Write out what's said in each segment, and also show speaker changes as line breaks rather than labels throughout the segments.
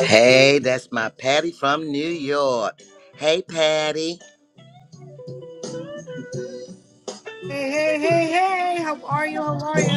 Hey, that's my Patty from New York. Hey, Patty.
Hey, hey, hey, hey, how are you? How are you?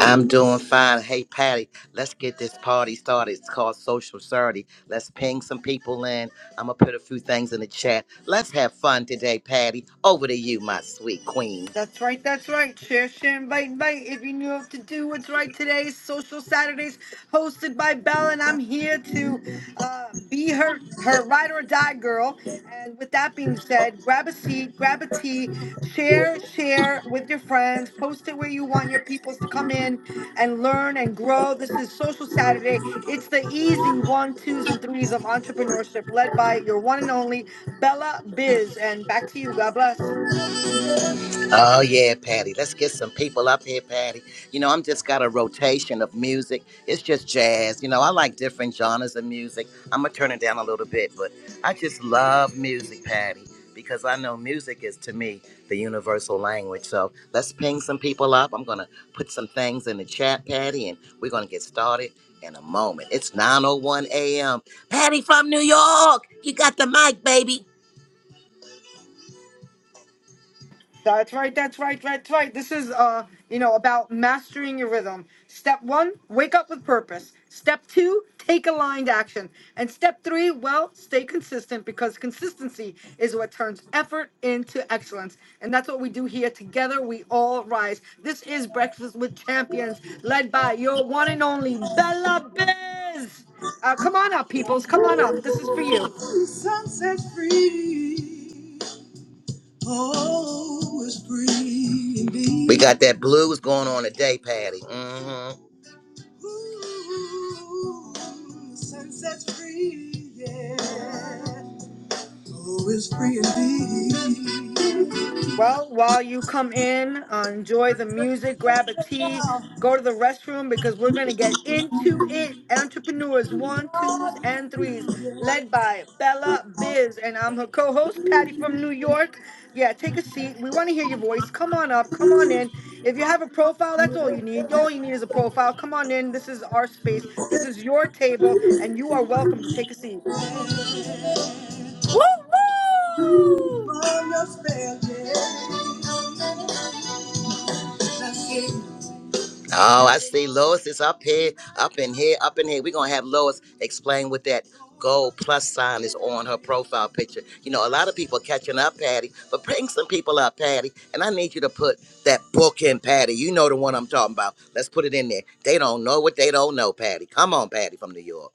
I'm doing fine. Hey, Patty, let's get this party started. It's called Social Solidarity. Let's ping some people in. I'm going to put a few things in the chat. Let's have fun today, Patty. Over to you, my sweet queen.
That's right, that's right. Share, share, invite, invite. If you knew what to do, what's right today is Social Saturdays hosted by Belle, and I'm here to uh, be her, her ride or die girl. And with that being said, grab a seat, grab a tea, share, share with your friends, post it where you want your peoples to come in and learn and grow. This is Social Saturday. It's the easy one, twos, and threes of entrepreneurship led by your one and only Bella Biz. And back to you. God bless.
Oh yeah, Patty. Let's get some people up here, Patty. You know, I'm just got a rotation of music. It's just jazz. You know, I like different genres of music. I'm gonna turn it down a little bit, but I just love music, Patty, because I know music is to me the universal language. So let's ping some people up. I'm gonna put some things in the chat, Patty, and we're gonna get started in a moment. It's 9:01 a.m. Patty from New York. You got the mic, baby.
That's right, that's right, that's right. This is uh, you know, about mastering your rhythm. Step one, wake up with purpose. Step two, take aligned action. And step three, well, stay consistent because consistency is what turns effort into excellence. And that's what we do here. Together we all rise. This is Breakfast with Champions, led by your one and only Bella Biz. Uh, come on up, peoples. Come on up. This is for you.
Sunset's free. We got that blues going on today, Patty. Mm-hmm. Ooh, sunset's free, yeah. Oh, it's free indeed.
Well, while you come in, uh, enjoy the music, grab a tea,
Oh,
go to the restroom because we're going to get into it. Entrepreneurs one, twos, and threes, led by Bella Biz. And I'm her co host, Patty from New York. Yeah, take a seat. We want to hear your voice. Come on up. Come on in. If you have a profile, that's all you need. All you need is a profile. Come on in. This is our space. This is your table, and you are welcome to take a seat.
from your spell, yeah. Oh, I see Lois is up here, up in here, up in here. We're gonna have Lois explain what that gold plus sign is on her profile picture. You know, a lot of people are catching up, Patty, but bring some people up, Patty. And I need you to put that book in, Patty. You know the one I'm talking about. Let's put it in there. They don't know what they don't know, Patty. Come on, Patty from New York.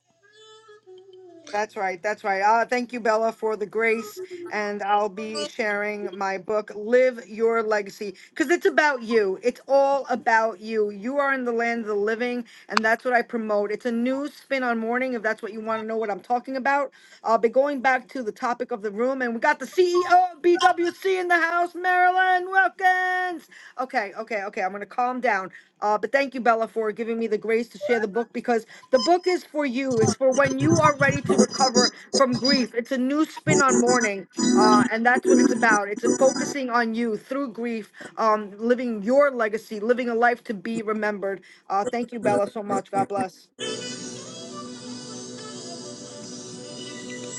That's right. That's right. Uh, thank you, Bella, for the grace. And I'll be sharing my book, Live Your Legacy, because it's about you. It's all about you. You are in the land of the living, and that's what I promote. It's a new spin on morning, if that's what you want to know what I'm talking about. I'll be going back to the topic of the room, and we got the CEO of BWC in the house, Marilyn Wilkins. Okay, okay, okay. I'm going to calm down. Uh, but thank you, Bella, for giving me the grace to share the book because the book is for you. It's for when you are ready to recover from grief. It's a new spin on mourning, uh, and that's what it's about. It's a focusing on you through grief, um, living your legacy, living a life to be remembered. Uh, thank you, Bella, so much. God bless.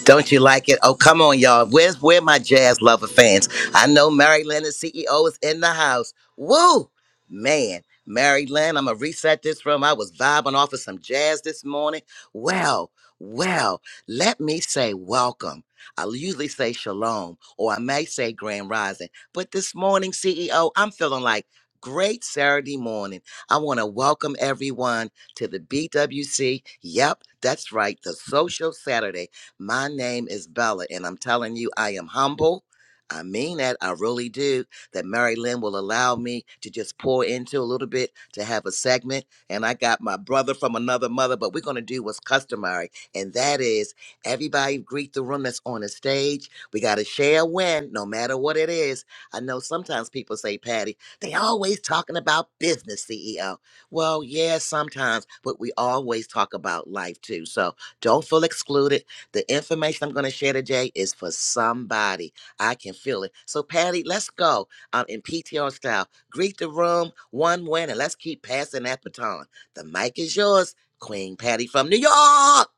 Don't you like it? Oh, come on, y'all. Where's where my jazz lover fans? I know Mary Lynn, the CEO, is in the house. Woo! Man, Mary Lynn, I'm gonna reset this room. I was vibing off of some jazz this morning. Well, well, let me say welcome. I usually say shalom, or I may say grand rising. But this morning, CEO, I'm feeling like great Saturday morning. I want to welcome everyone to the BWC. Yep, that's right, the Social Saturday. My name is Bella, and I'm telling you, I am humble. I mean that. I really do. That Mary Lynn will allow me to just pour into a little bit to have a segment. And I got my brother from another mother, but we're going to do what's customary. And that is everybody greet the room that's on the stage. We got to share a win, no matter what it is. I know sometimes people say, Patty, they always talking about business, CEO. Well, yeah, sometimes, but we always talk about life too. So don't feel excluded the information I'm going to share today is for somebody. I can feel it. So, Patty, let's go um, in PTR style. Greet the room, one win, and let's keep passing that baton. The mic is yours, Queen Patty from New York.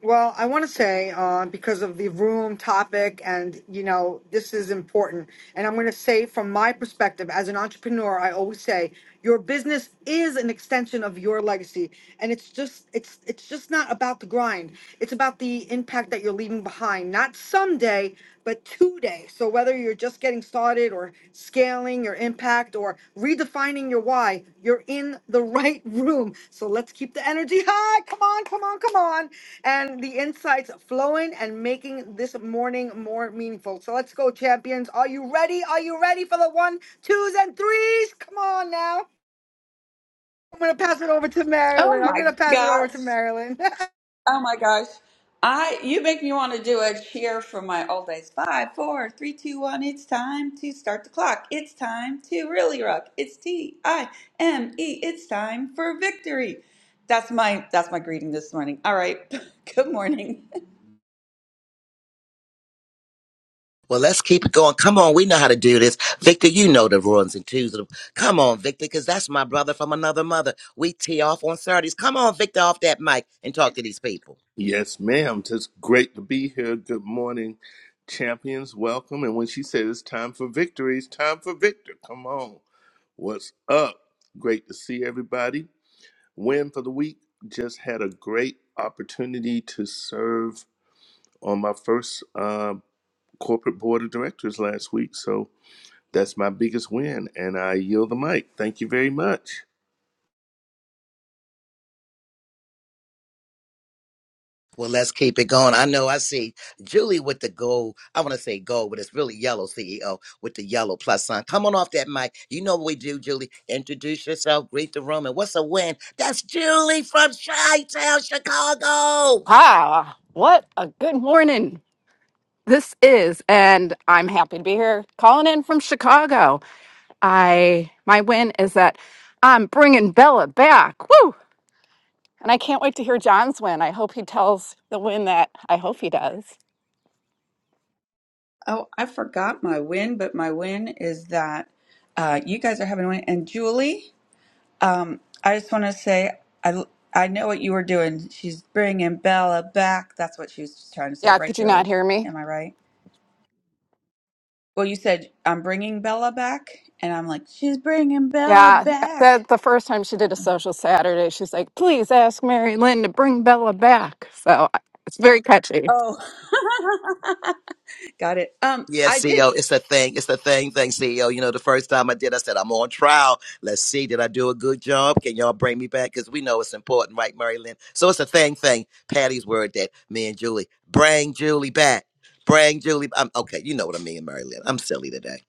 Well, I want to say uh, because of the room topic, and you know, this is important. And I'm going to say, from my perspective as an entrepreneur, I always say your business is an extension of your legacy, and it's just it's it's just not about the grind. It's about the impact that you're leaving behind, not someday, but today. So whether you're just getting started or scaling your impact or redefining your why, you're in the right room. So let's keep the energy high. Come on, come on, come on and the insights flowing and making this morning more meaningful. So let's go, champions. Are you ready? Are you ready for the one, twos, and threes? Come on now. I'm going to pass it over to
Oh
Marilyn. I'm going
my
to pass it over
gosh.
to Marilyn.
Oh my gosh. I you make me want to do a cheer from my old days. Five, four, three, two, one. It's time to start the clock. It's time to really rock. It's T I M E. It's time for victory. That's my that's my greeting this morning. All right. Good morning.
Well, let's keep it going. Come on, we know how to do this. Victor, you know the runs and twos. of- Come on, Victor, because that's my brother from another mother. We tee off on Saturdays. Come on, Victor, off that mic and talk to these people.
Yes, ma'am. Just great to be here. Good morning, champions. Welcome. And when she said it's time for victory, it's time for Victor. Come on. What's up? Great to see everybody. Win for the week. Just had a great opportunity to serve on my first uh, corporate board of directors last week. So that's my biggest win. And I yield the mic. Thank you very much.
Well, let's keep it going. I know I see Julie with the gold. I want to say gold, but it's really yellow, CEO, with the yellow plus sign. Come on off that mic. You know what we do, Julie. Introduce yourself, greet the room, and what's a win? That's Julie from Chi Town, Chicago.
Ah, what a good morning this is, and I'm happy to be here calling in from Chicago. I my win is that I'm bringing Bella back. Woo! And I can't wait to hear John's win. I hope he tells the win that I hope he does.
Oh, I forgot my win, but my win is that uh, you guys are having a win. And Julie, Um, I just want to say, I I know what you were doing. She's bringing Bella back. That's what she was trying to say,
Yeah,
right,
could you not
Julie?
hear me?
Am I right? Well, you said I'm bringing Bella back, and I'm like, she's bringing Bella
Yeah, the,
back.
the first time she did a social Saturday, she's like, please ask Mary Lynn to bring Bella back. So I- it's very catchy.
Oh, got it. Um,
Yeah,
I did.
CEO, it's the thing. It's the thing, thing, CEO. You know, the first time I did, I said, I'm on trial. Let's see, did I do a good job? Can y'all bring me back? Because we know it's important, right, Mary Lynn? So it's a thing, thing. Patty's word that me and Julie, bring Julie back. Bring Julie. I'm, okay, you know what I mean, Mary Lynn. I'm silly today.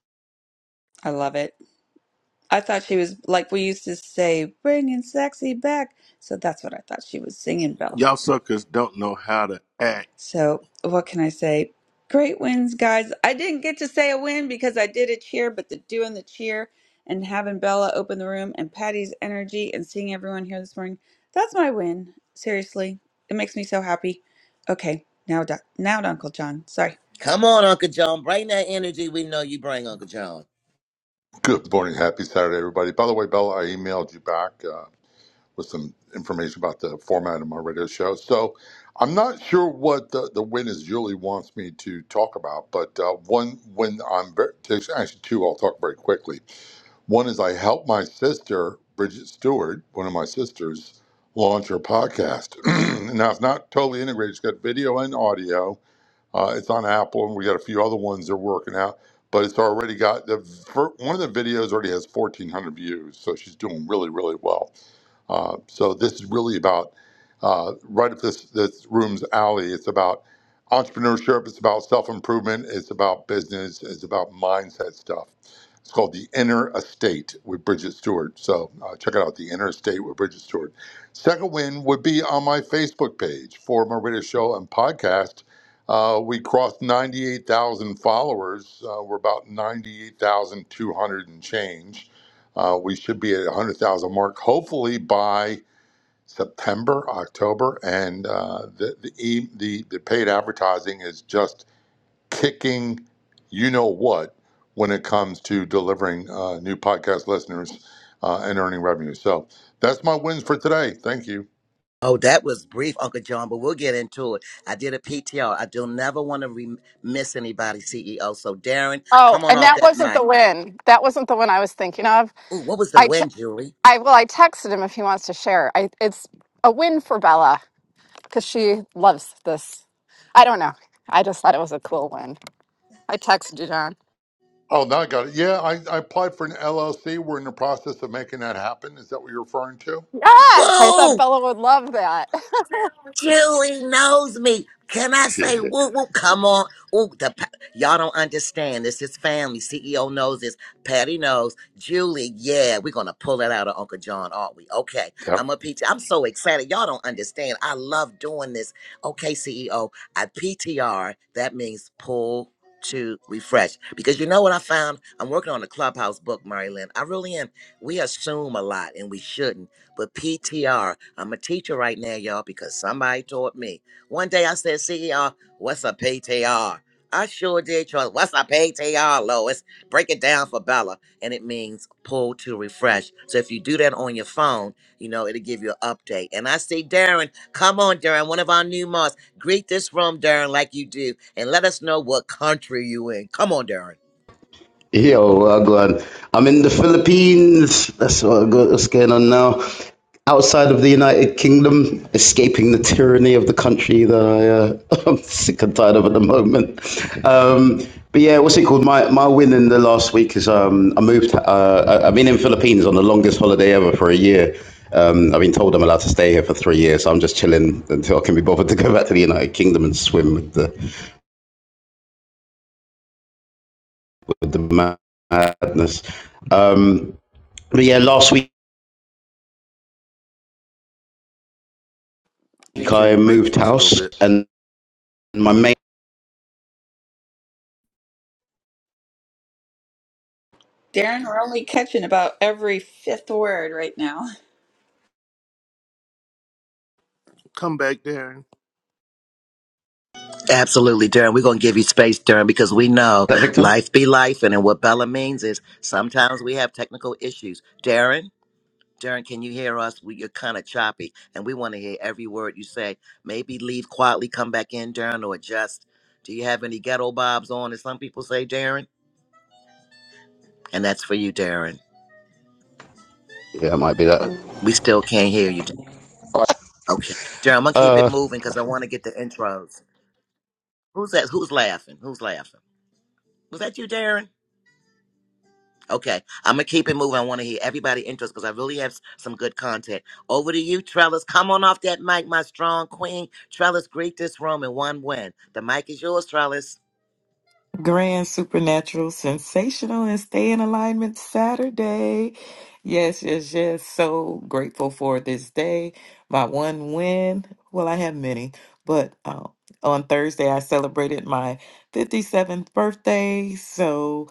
I love it. I thought she was like we used to say, bringing sexy back. So that's what I thought she was singing, Bella.
Y'all suckers don't know how to act.
So, what can I say? Great wins, guys. I didn't get to say a win because I did a cheer, but the doing the cheer and having Bella open the room and Patty's energy and seeing everyone here this morning, that's my win. Seriously, it makes me so happy. Okay, now, to- now to Uncle John. Sorry.
Come on, Uncle John. Bring that energy we know you bring, Uncle John.
Good morning. Happy Saturday, everybody. By the way, Bella, I emailed you back uh, with some information about the format of my radio show. So I'm not sure what the, the win is Julie wants me to talk about, but uh, one when I'm very, actually two, I'll talk very quickly. One is I helped my sister, Bridget Stewart, one of my sisters, launch her podcast. now, it's not totally integrated, it's got video and audio uh, it's on Apple, and we got a few other ones they're working out. But it's already got the fir- one of the videos already has 1,400 views, so she's doing really, really well. Uh, so this is really about uh, right up this this room's alley. It's about entrepreneurship. It's about self improvement. It's about business. It's about mindset stuff. It's called the Inner Estate with Bridget Stewart. So uh, check it out, the Inner Estate with Bridget Stewart. Second win would be on my Facebook page for my radio show and podcast. Uh, we crossed 98,000 followers. Uh, we're about 98,200 and change uh, we should be at 100,000 mark, hopefully by September, October, and uh, the, the e- the the paid advertising is just kicking, you know what, when it comes to delivering uh, new podcast listeners uh, and earning revenue. So that's my wins for today. Thank you.
Oh, that was brief, Uncle John, but we'll get into it. I did a PTR. I don't never want to re- miss anybody, CEO. So, Darren,
Oh,
come on
and
off
that
that
wasn't
mic.
the win. That wasn't the one I was thinking of.
Ooh, what was the
I.
win, Julie?
I well, I texted him if he wants to share. I it's a win for Bella because she loves this. I don't know. I just thought it was a cool win. I texted you, John.
Oh, now I got it. Yeah, I, I applied for an LLC. We're in the process of making that happen. Is that what you're referring to?
Yes, I thought
Whoa!
Bella would love that.
Julie knows me. Can I say
Shit.
whoop whoop? Come on. Ooh, the pa- y'all don't understand. This is family. CEO knows this. Patty knows. Julie, yeah, we're gonna pull it out of Uncle John, aren't we? Okay.
Yep.
I'm a PT. I'm so excited. Y'all don't understand. I love doing this. Okay, CEO. At PTR, that means pull to refresh. Because you know what I found? I'm working on a clubhouse book, Marilyn. I really am. We assume a lot and we shouldn't. But PTR, I'm a teacher right now, y'all, because somebody taught me. One day I said, CER, what's a PTR? I sure did, Charles. What's a PTR, Lois? Break it down for Bella. And it means pull to refresh. So if you do that on your phone, you know, it'll give you an update. And I see Darren. Come on, Darren, one of our new moms. Greet this room, Darren, like you do. And let us know what country you in. Come on, Darren.
Yo, uh, God. I'm in the Philippines. That's what, go- what's going on now. Outside of the United Kingdom, escaping the tyranny of the country that I, uh, I'm sick and tired of at the moment. Um, but yeah, what's it called? My my win in the last week is um, I moved. Uh, I- I've been in Philippines on the longest holiday ever for a year. Um, I've been told I'm allowed to stay here for three years, so I'm just chilling until I can be bothered to go back to the United Kingdom and swim with the with the madness. Um, But yeah, last week
Think you're in
I
the
moved
matrix a little
house
bit.
and my main. Is
Darren, we're only catching about every fifth word right now.
Come back, Darren.
Absolutely, Darren. We're going to give you space, Darren, because we know
that Victor?
life be life. And what Bella means is sometimes we have technical issues. Darren, Darren, can you hear us? We, you're kind of choppy, and we want to hear every word you say. Maybe leave quietly, come back in, Darren, or adjust. Do you have any ghetto bobs on, as some people say, Darren? And that's for you, Darren.
Yeah, it might be that.
We still can't hear you. Darren. Okay. Darren, I'm going to keep it moving because I want to get the intros. Who's that? Who's laughing? Who's laughing? Was that you, Darren? Okay, I'm gonna keep it moving. I want to hear everybody interest because I really have s- some good content. Over to you, Trellis. Come on off that mic, my strong queen. Trellis, greet this room in one win. The mic is yours, Trellis.
Grand Supernatural Sensational and Stay in Alignment Saturday. Yes, yes, yes. So grateful for this day. My one win. Well, I have many, but um, on Thursday I celebrated my 57th birthday. So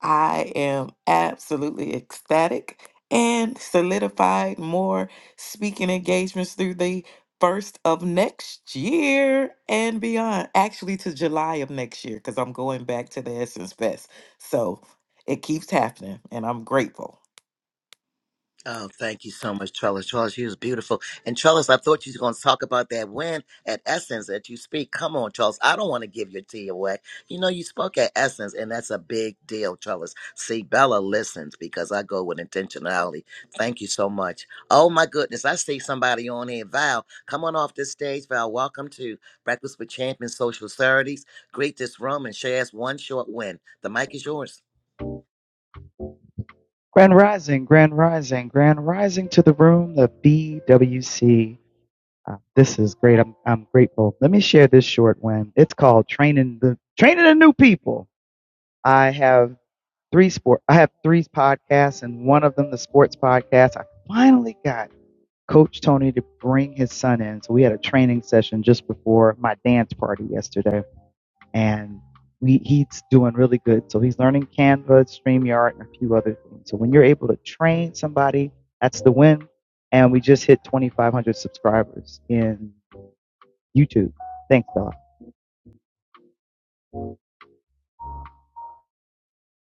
I am absolutely ecstatic and solidified more speaking engagements through the first of next year and beyond. Actually, to July of next year, because I'm going back to the Essence Fest. So it keeps happening, and I'm grateful.
Oh, thank you so much, Trellis. Trellis, you was beautiful. And Trellis, I thought you was going to talk about that win at Essence that you speak. Come on, Trellis. I don't want to give your tea away. You know, you spoke at Essence, and that's a big deal, Trellis. See, Bella listens because I go with intentionality. Thank you so much. Oh, my goodness. I see somebody on here. Val, come on off this stage. Val, welcome to Breakfast with Champions Social Charities. Greet this room and share us one short win. The mic is yours.
Grand Rising, Grand Rising, Grand Rising to the room, the BWC. Uh, this is great. I'm, I'm grateful. Let me share this short one. It's called Training the Training the New People. I have three sport. I have three podcasts, and one of them, the sports podcast. I finally got Coach Tony to bring his son in, so we had a training session just before my dance party yesterday and we, he's doing really good. So he's learning Canva, StreamYard, and a few other things. So when you're able to train somebody, that's the win. And we just hit 2,500 subscribers in YouTube. Thanks, Bella.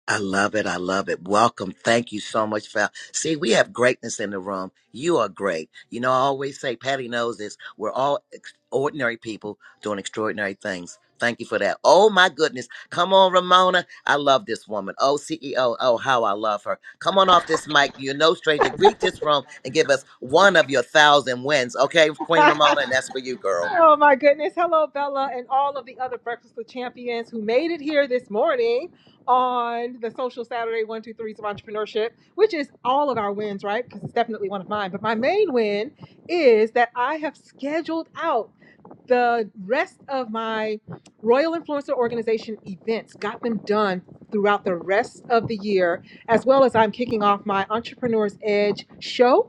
I love it. I love it. Welcome. Thank you so much, Val. See, we have greatness in the room. You are great. You know, I always say, Patty knows this. We're all ex- ordinary people doing extraordinary things. Thank you for that. Oh, my goodness. Come on, Ramona. I love this woman. Oh, CEO. Oh, how I love her. Come on off this mic. You're no stranger. Greet this room and give us one of your thousand wins. Okay, Queen Ramona? And that's for you, girl.
oh my goodness. Hello, Bella, and all of the other Breakfast with Champions who made it here this morning on the Social Saturday 123s of Entrepreneurship, which is all of our wins, right? Because it's definitely one of mine. But my main win is that I have scheduled out the rest of my Royal Influencer Organization events, got them done throughout the rest of the year, as well as I'm kicking off my Entrepreneur's Edge show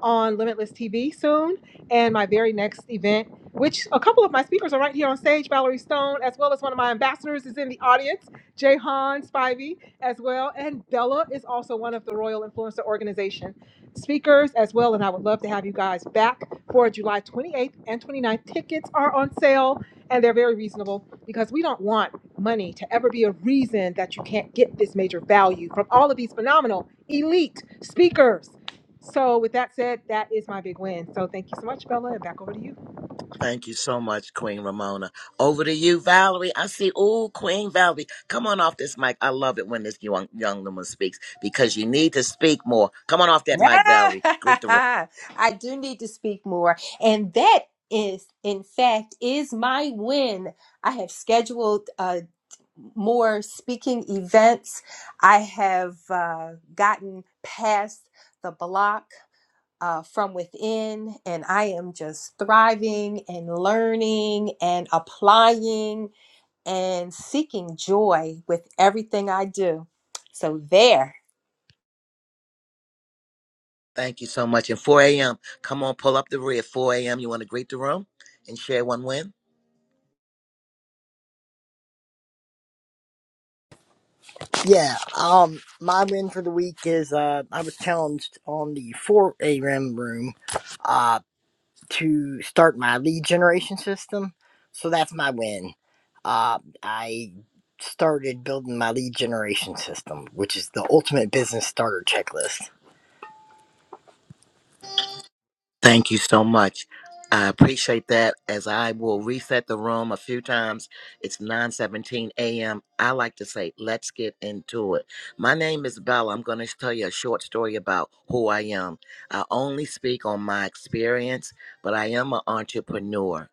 on Limitless TV soon, and my very next event, which a couple of my speakers are right here on stage, Valerie Stone, as well as one of my ambassadors is in the audience, Jahan Spivey, as well, and Bella is also one of the Royal Influencer Organization speakers as well, and I would love to have you guys back for July 28th and 29th. Tickets are on sale, and they're very reasonable because we don't want money to ever be a reason that you can't get this major value from all of these phenomenal elite speakers so with that said, that is my big win. So thank you so much, Bella, and back over to you.
Thank you so much, Queen Ramona. Over to you, Valerie. I see. Oh, Queen Valerie, come on off this mic. I love it when this young young woman speaks because you need to speak more. Come on off that mic, Valerie. Greet the room.
I do need to speak more. And that is, in fact, is my win. I have scheduled uh, more speaking events. I have uh, gotten past the block uh, from within, and I am just thriving and learning and applying and seeking joy with everything I do. So, there.
Thank you so much. And 4 a.m., come on, pull up the rear. 4 a.m., you want to greet the room and share one win?
Yeah, um, my win for the week is uh, I was challenged on the 4AM room uh, to start my lead generation system. So that's my win. Uh, I started building my lead generation system, which is the ultimate business starter checklist.
Thank you so much. I appreciate that. As I will reset the room a few times, it's 9:17 a.m. I like to say, let's get into it. My name is Bella. I'm going to tell you a short story about who I am. I only speak on my experience, but I am an entrepreneur.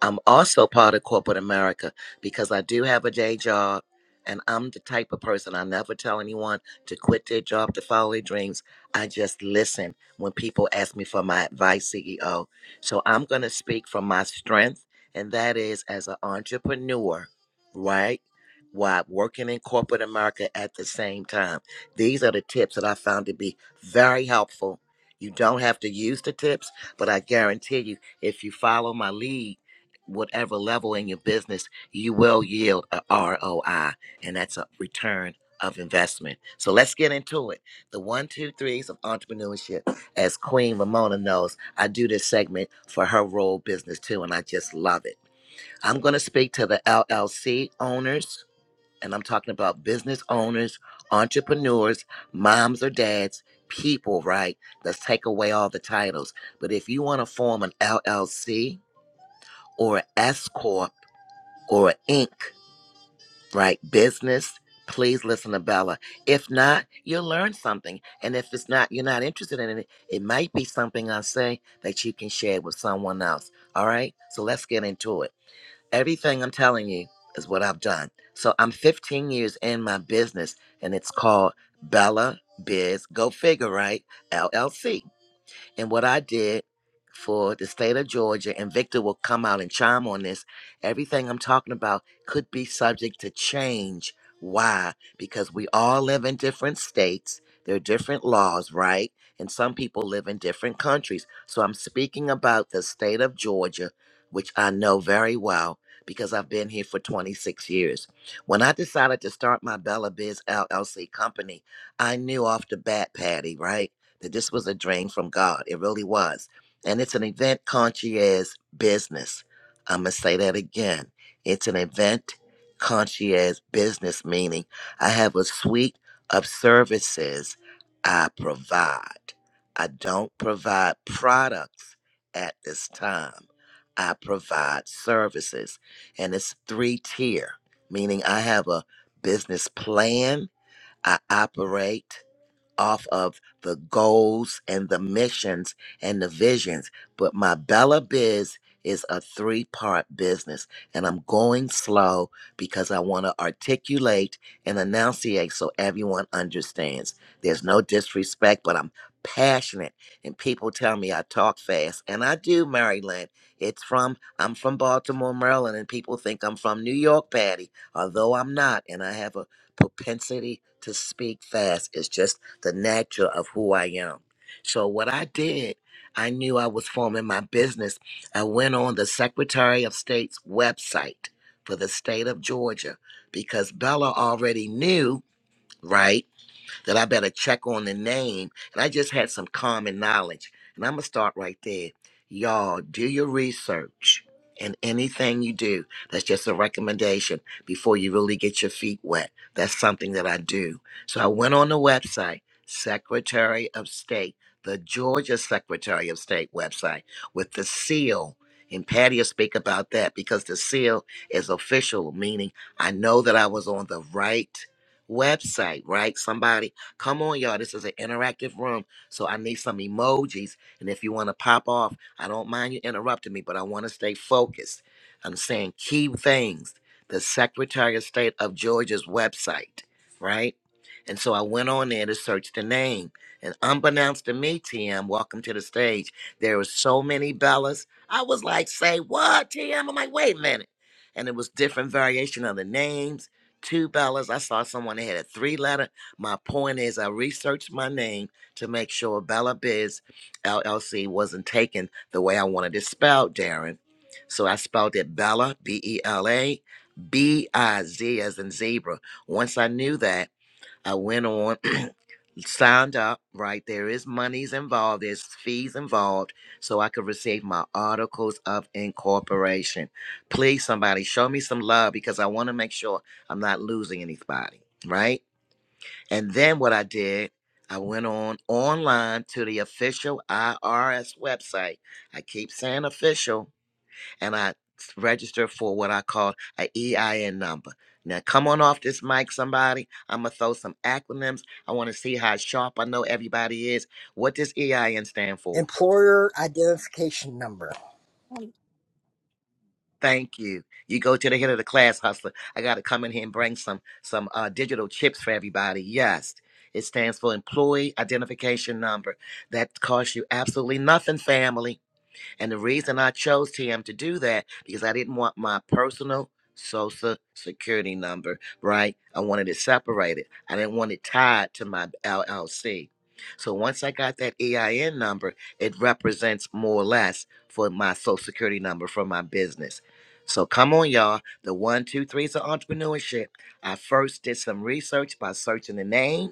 I'm also part of corporate America because I do have a day job and I'm the type of person I never tell anyone to quit their job to follow their dreams. I just listen when people ask me for my advice, CEO. So I'm going to speak from my strength, and that is as an entrepreneur, right? While working in corporate America at the same time. These are the tips that I found to be very helpful. You don't have to use the tips, but I guarantee you, if you follow my lead, whatever level in your business, you will yield a ROI, and that's a return of investment. So let's get into it. The one, two, threes of entrepreneurship. As Queen Ramona knows, I do this segment for her role business too, and I just love it. I'm going to speak to the LLC owners, and I'm talking about business owners, entrepreneurs, moms or dads, people, right? Let's take away all the titles. But if you want to form an LLC or an S Corp, or Inc., right? Business, please listen to Bella. If not, you'll learn something. And if it's not, you're not interested in it, it might be something I say that you can share with someone else. All right? So let's get into it. Everything I'm telling you is what I've done. So I'm 15 years in my business, and it's called Bella Biz Go Figure, right? LLC. And what I did for the state of Georgia, and Victor will come out and chime on this, everything I'm talking about could be subject to change. Why? Because we all live in different states. There are different laws, right? And some people live in different countries. So I'm speaking about the state of Georgia, which I know very well because I've been here for 26 years. When I decided to start my Bella Biz LLC company, I knew off the bat, Patty, right? that this was a drain from God. It really was. And it's an event concierge business. I'm going to say that again. It's an event concierge business, meaning I have a suite of services I provide. I don't provide products at this time. I provide services. And it's three tier, meaning I have a business plan I operate off of the goals and the missions and the visions. But my Bella Biz is a three part business, and I'm going slow because I want to articulate and enunciate so everyone understands. There's no disrespect, but I'm passionate, and people tell me I talk fast, and I do, Maryland. It's from, I'm from Baltimore, Maryland, and people think I'm from New York, Patty, although I'm not, and I have a propensity to speak fast. It's just the nature of who I am. So what I did, I knew I was forming my business. I went on the Secretary of State's website for the state of Georgia because Bella already knew, right? that I better check on the name. And I just had some common knowledge. And I'm going to start right there. Y'all, do your research. And anything you do, that's just a recommendation before you really get your feet wet. That's something that I do. So I went on the website, Secretary of State, the Georgia Secretary of State website with the seal. And Patty will speak about that because the seal is official, meaning I know that I was on the right website, right? Somebody Come on, y'all. This is an interactive room. So I need some emojis. And if you want to pop off, I don't mind you interrupting me, but I want to stay focused. I'm saying key things. The Secretary of State of Georgia's website, right? And so I went on there to search the name. And unbeknownst to me, TM, welcome to the stage. There were so many Bellas. I was like, say what, TM? I'm like, wait a minute. And it was different variation of the names two bellas. I saw someone that had a three letter. My point is, I researched my name to make sure Bella Biz LLC wasn't taken the way I wanted it spelled, Darren. So I spelled it Bella, B E L A, B I Z as in zebra. Once I knew that, I went on, signed up, right? There is monies involved, there's fees involved, so I could receive my articles of incorporation. Please, somebody, show me some love because I want to make sure I'm not losing anybody, right? And then what I did, I went on online to the official IRS website. I keep saying official, and I s- registered for what I call a EIN number. Now come on off this mic, somebody. I'm gonna throw some acronyms. I want to see how sharp I know everybody is. What does EIN stand for?
Employer identification number,
Thank you. You go to the head of the class, hustler. I got to come in here and bring some some uh, digital chips for everybody. Yes, it stands for Employee Identification Number. That costs you absolutely nothing, family. And the reason I chose TM to do that because I didn't want my personal social security number, right? I wanted it separated. I didn't want it tied to my LLC. So once I got that EIN number, it represents more or less for my social security number for my business. So come on, y'all. The one, two, threes of entrepreneurship. I first did some research by searching the name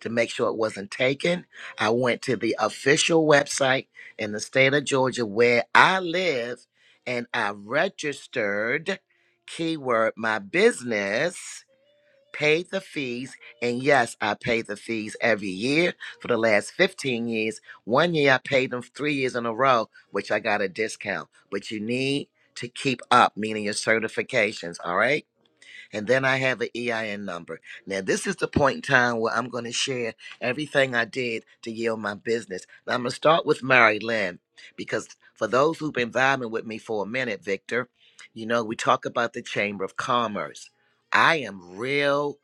to make sure it wasn't taken. I went to the official website in the state of Georgia where I live and I registered, keyword, my business, paid the fees. And yes, I pay the fees every year for the last 15 years. One year I paid them three years in a row, which I got a discount. But you need to keep up, meaning your certifications, all right? and then I have an EIN number. Now, this is the point in time where I'm going to share everything I did to yield my business. Now, I'm going to start with Mary Lynn because for those who've been vibing with me for a minute, Victor, you know, we talk about the Chamber of Commerce. I am real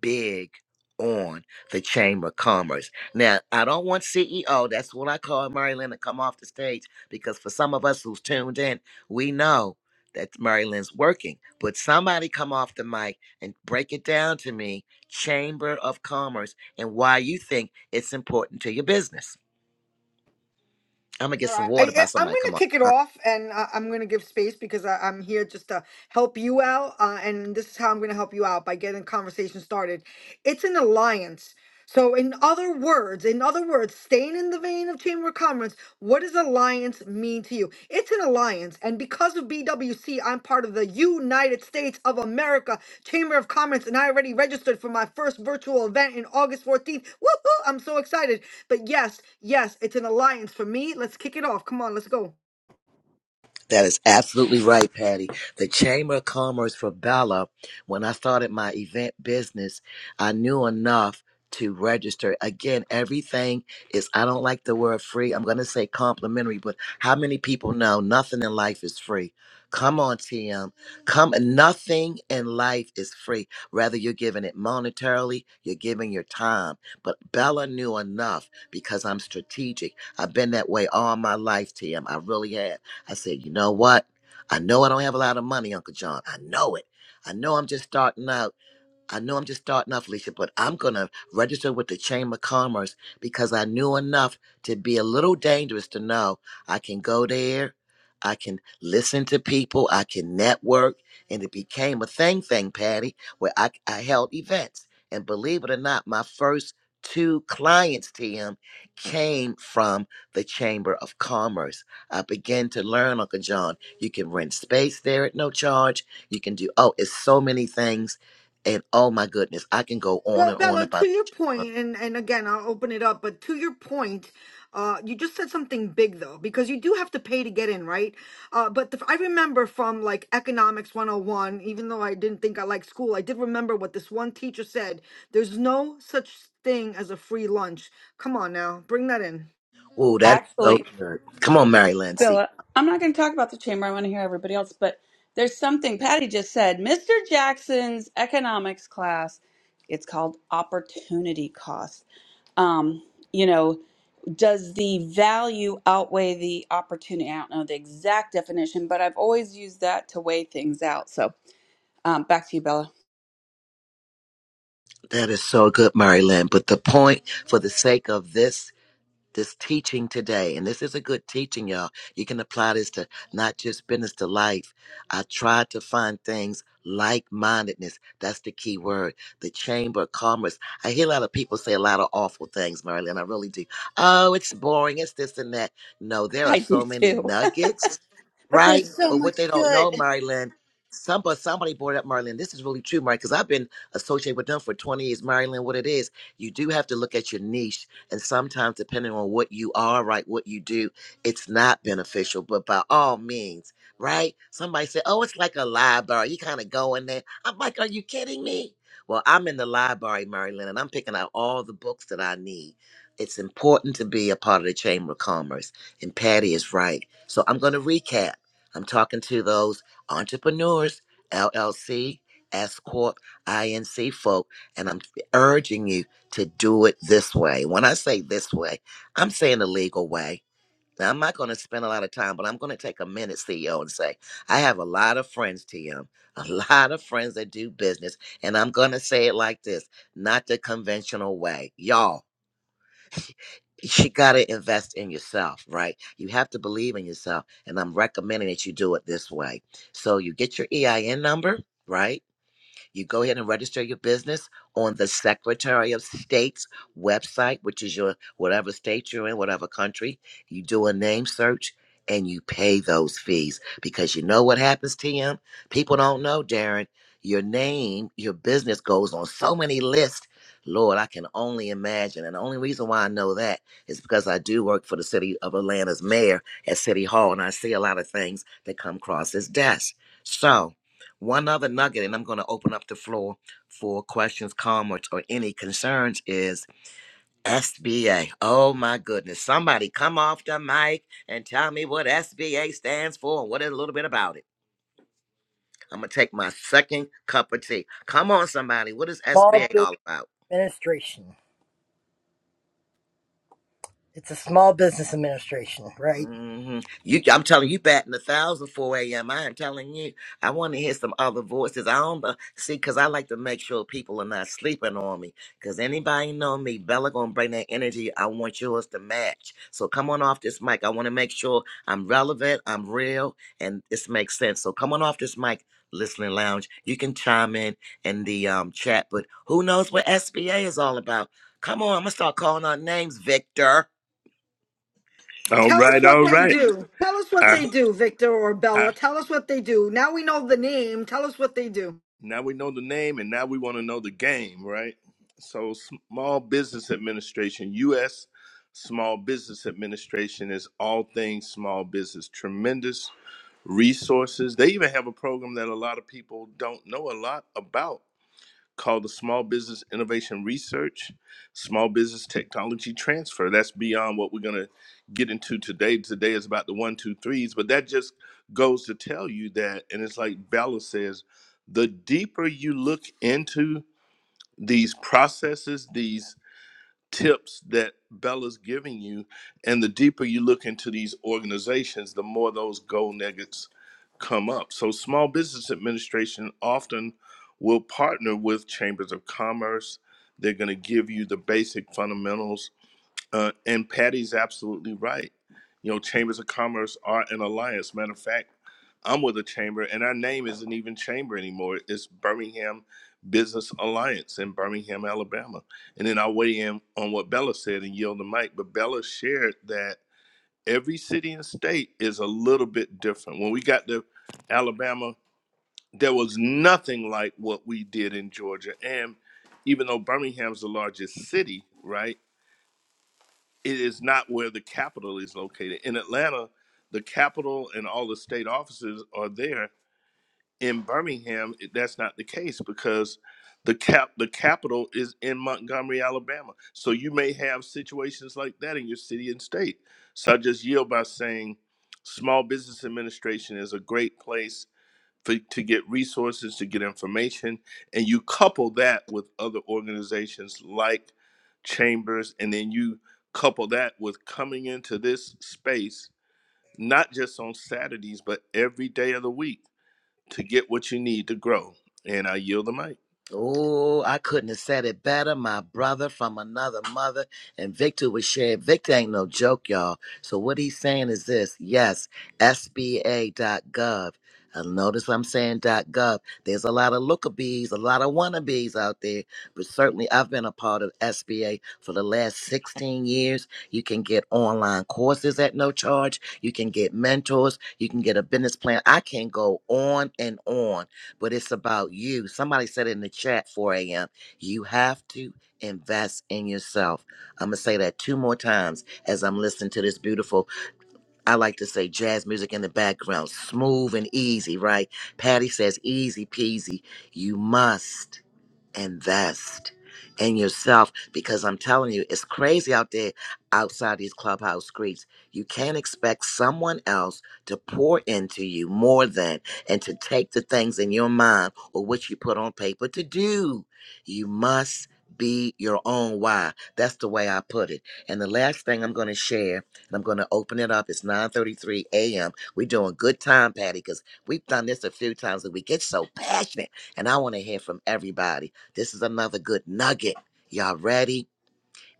big on the Chamber of Commerce. Now, I don't want CEO. That's what I call Mary Lynn to come off the stage because for some of us who's tuned in, we know that Mary Lynn's working. But somebody come off the mic and break it down to me, Chamber of Commerce, and why you think it's important to your business. I'm gonna get
All
some
right, I,
water
I-
by
I'm
somebody
going to
come on.
kick it off, and uh, I'm going to give space because I, I'm here just to help you out, uh, and this is how I'm going to help you out by getting conversation started. It's an alliance. So, in other words, in other words, staying in the vein of Chamber of Commerce, what does alliance mean to you? It's an alliance, and because of BWC, I'm part of the United States of America Chamber of Commerce, and I already registered for my first virtual event in August 14th. Woohoo! I'm so excited. But yes, yes, it's an alliance for me. Let's kick it off. Come on, let's go.
That is absolutely right, Patty. The Chamber of Commerce for Bella, when I started my event business, I knew enough to register. Again, everything is, I don't like the word free. I'm going to say complimentary, but how many people know nothing in life is free? Come on, TM. Come, nothing in life is free. Rather, you're giving it monetarily, you're giving your time. But Bella knew enough because I'm strategic. I've been that way all my life, TM. I really have. I said, you know what? I know I don't have a lot of money, Uncle John. I know it. I know I'm just starting out. I know I'm just starting off, Alicia, but I'm going to register with the Chamber of Commerce because I knew enough to be a little dangerous to know I can go there, I can listen to people, I can network. And it became a thing, thing, Patty, where I, I held events. And believe it or not, my first two clients, TM, came from the Chamber of Commerce. I began to learn, Uncle John, you can rent space there at no charge. You can do, oh, it's so many things and oh my goodness, I can go on
Well,
and on
Bella,
about.
to your point, and and again, I'll open it up. But to your point, uh, you just said something big though, because you do have to pay to get in, right? Uh, but the, I remember from like economics 101, even though I didn't think I liked school, I did remember what this one teacher said. There's no such thing as a free lunch. Come on now, bring that in.
Oh, that is so
Actually,
good. Come on, Mary Lynn. See,
Philip, I'm not going to talk about the chamber. I want to hear everybody else, but there's something Patty just said. Mr. Jackson's economics class, it's called opportunity cost. Um, you know, does the value outweigh the opportunity? I don't know the exact definition, but I've always used that to weigh things out. So um, back to you, Bella.
that is so good, Mary Lynn. But the point, for the sake of this this teaching today, and this is a good teaching, y'all. You can apply this to not just business to life. I tried to find things like mindedness. That's the key word. The chamber of commerce. I hear a lot of people say a lot of awful things, Marilyn. I really do. Oh, it's boring. It's this and that. No, there are
I do
so many
too.
nuggets,
But
right?
there's so
But what
much
they don't know,
good.
Marilyn. Some, but somebody brought up Marilyn. This is really true, Marilyn, because I've been associated with them for 20 years. Marilyn, what it is, you do have to look at your niche and sometimes, depending on what you are, right, what you do, it's not beneficial. But by all means, right? Somebody said, oh, it's like a library. You kind of go in there. I'm like, are you kidding me? Well, I'm in the library, Marilyn, and I'm picking out all the books that I need. It's important to be a part of the Chamber of Commerce. And Patty is right. So I'm going to recap. I'm talking to those entrepreneurs, LLC, S Corp, INC folk, and I'm urging you to do it this way. When I say this way, I'm saying the legal way. Now, I'm not going to spend a lot of time, but I'm going to take a minute, CEO, and say, I have a lot of friends, TM, a lot of friends that do business. And I'm going to say it like this not the conventional way. Y'all, you got to invest in yourself, right? You have to believe in yourself. And I'm recommending that you do it this way. So you get your EIN number, right? You go ahead and register your business on the Secretary of State's website, which is your whatever state you're in, whatever country. You do a name search and you pay those fees because you know what happens, TM? People don't know, Darren. Your name, your business goes on so many lists. Lord, I can only imagine. And the only reason why I know that is because I do work for the city of Atlanta's mayor at City Hall, and I see a lot of things that come across his desk. So, one other nugget, and I'm going to open up the floor for questions, comments, or any concerns is SBA. Oh my goodness. Somebody come off the mic and tell me what SBA stands for and what is a little bit about it. I'm going to take my second cup of tea. Come on, somebody. What is
small
SBA
business
all about?
administration. It's a small business administration, right?
hmm You, I'm telling you, batting a thousand four a.m. I am telling you, I want to hear some other voices. I don't uh, see because I like to make sure people are not sleeping on me. Because anybody know me, Bella gonna bring that energy. I want yours to match. So come on off this mic. I want to make sure I'm relevant, I'm real, and this makes sense. So come on off this mic, listening lounge. You can chime in in the um, chat, but who knows what SBA is all about? Come on, I'm gonna start calling out names, Victor.
All
Tell us
right,
what
all
they
right.
do. Tell us what
I,
they do, Victor or
I,
Bella. Tell us what they do. Now we know the name. Tell us what they do.
now we know the name, and now we want to know the game, right? So, Small Business Administration, U.S. Small Business Administration is all things small business. Tremendous resources. They even have a program that a lot of people don't know a lot about called the Small Business Innovation Research, Small Business Technology Transfer. That's beyond what we're going to get into today. Today is about the one, two, threes, but that just goes to tell you that, and it's like Bella says, the deeper you look into these processes, these tips that Bella's giving you. And the deeper you look into these organizations, the more those gold nuggets come up. So, Small Business Administration often will partner with chambers of commerce. They're going to give you the basic fundamentals uh, and Patty's absolutely right. You know, chambers of commerce are an alliance. Matter of fact, I'm with a chamber, and our name isn't even chamber anymore. It's Birmingham Business Alliance in Birmingham, Alabama. And then I'll weigh in on what Bella said and yield the mic. But Bella shared that every city and state is a little bit different. When we got to Alabama, there was nothing like what we did in Georgia. And even though Birmingham's the largest city, right? it is not where the capital is located. In Atlanta, the capital and all the state offices are there. In Birmingham, it- that's not the case because the cap the capital is in Montgomery, Alabama. So you may have situations like that in your city and state. So I just yield by saying, Small Business Administration is a great place for, to get resources, to get information, and you couple that with other organizations like Chambers, and then you couple that with coming into this space, not just on Saturdays, but every day of the week to get what you need to grow. And I yield the mic.
Oh, I couldn't have said it better. My brother from another mother, and Victor was shared. Victor ain't no joke, y'all. So what he's saying is this: yes, SBA SBA.gov. And notice I'm saying .gov. There's a lot of lookabees, a lot of wannabes out there, but certainly I've been a part of SBA for the last 16 years. You can get online courses at no charge. You can get mentors. You can get a business plan. I can go on and on but it's about you. Somebody said in the chat 4 a.m. You have to invest in yourself. I'm gonna say that two more times as I'm listening to this beautiful. I like to say jazz music in the background, smooth and easy, right? Patty says easy peasy. You must invest in yourself because I'm telling you, it's crazy out there outside these clubhouse streets. You can't expect someone else to pour into you more than and to take the things in your mind or what you put on paper to do. You must be your own why. That's the way I put it. And the last thing I'm going to share, and I'm going to open it up. It's 9:33 a.m. We're doing good time, Patty, because we've done this a few times and we get so passionate. And I want to hear from everybody. This is another good nugget. Y'all ready?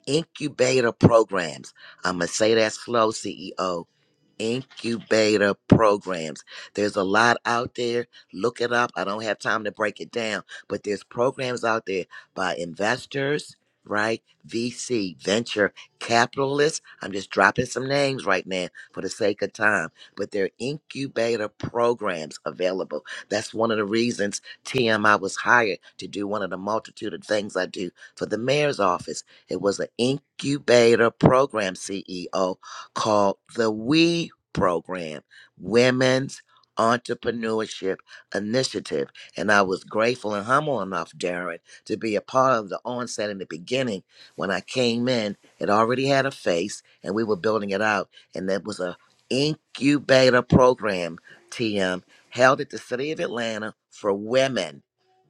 Incubator programs. I'm going to say that slow, CEOs incubator programs. There's a lot out there. Look it up. I don't have time to break it down, but there's programs out there by investors, right? VC, venture capitalists. I'm just dropping some names right now for the sake of time, but there are incubator programs available. That's one of the reasons TMI was hired to do one of the multitude of things I do for the mayor's office. It was an incubator program CEO called the We program, Women's Entrepreneurship Initiative. And I was grateful and humble enough, Darren, to be a part of the onset in the beginning. When I came in, it already had a face and we were building it out. And that was a incubator program, TM, held at the city of Atlanta for women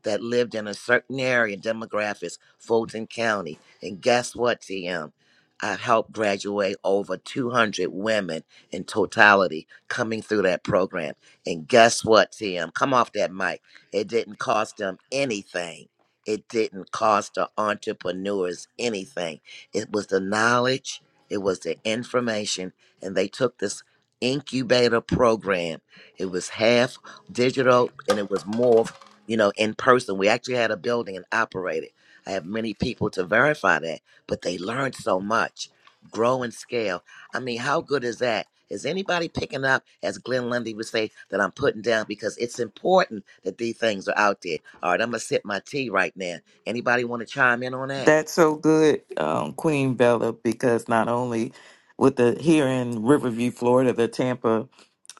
that lived in a certain area demographics, Fulton County. And guess what, TM? I helped graduate over 200 women in totality coming through that program. And guess what, TM? Come off that mic. It didn't cost them anything. It didn't cost the entrepreneurs anything. It was the knowledge, it was the information, and they took this incubator program. It was half digital and it was more, you know, in person. We actually had a building and operated. I have many people to verify that, but they learned so much. Grow and scale. I mean, how good is that? Is anybody picking up, as Glenn Lundy would say, that I'm putting down because it's important that these things are out there. All right, I'm gonna sip my tea right now. Anybody want to chime in on that?
That's so good, um, Queen Bella, because not only with the here in Riverview, Florida, the Tampa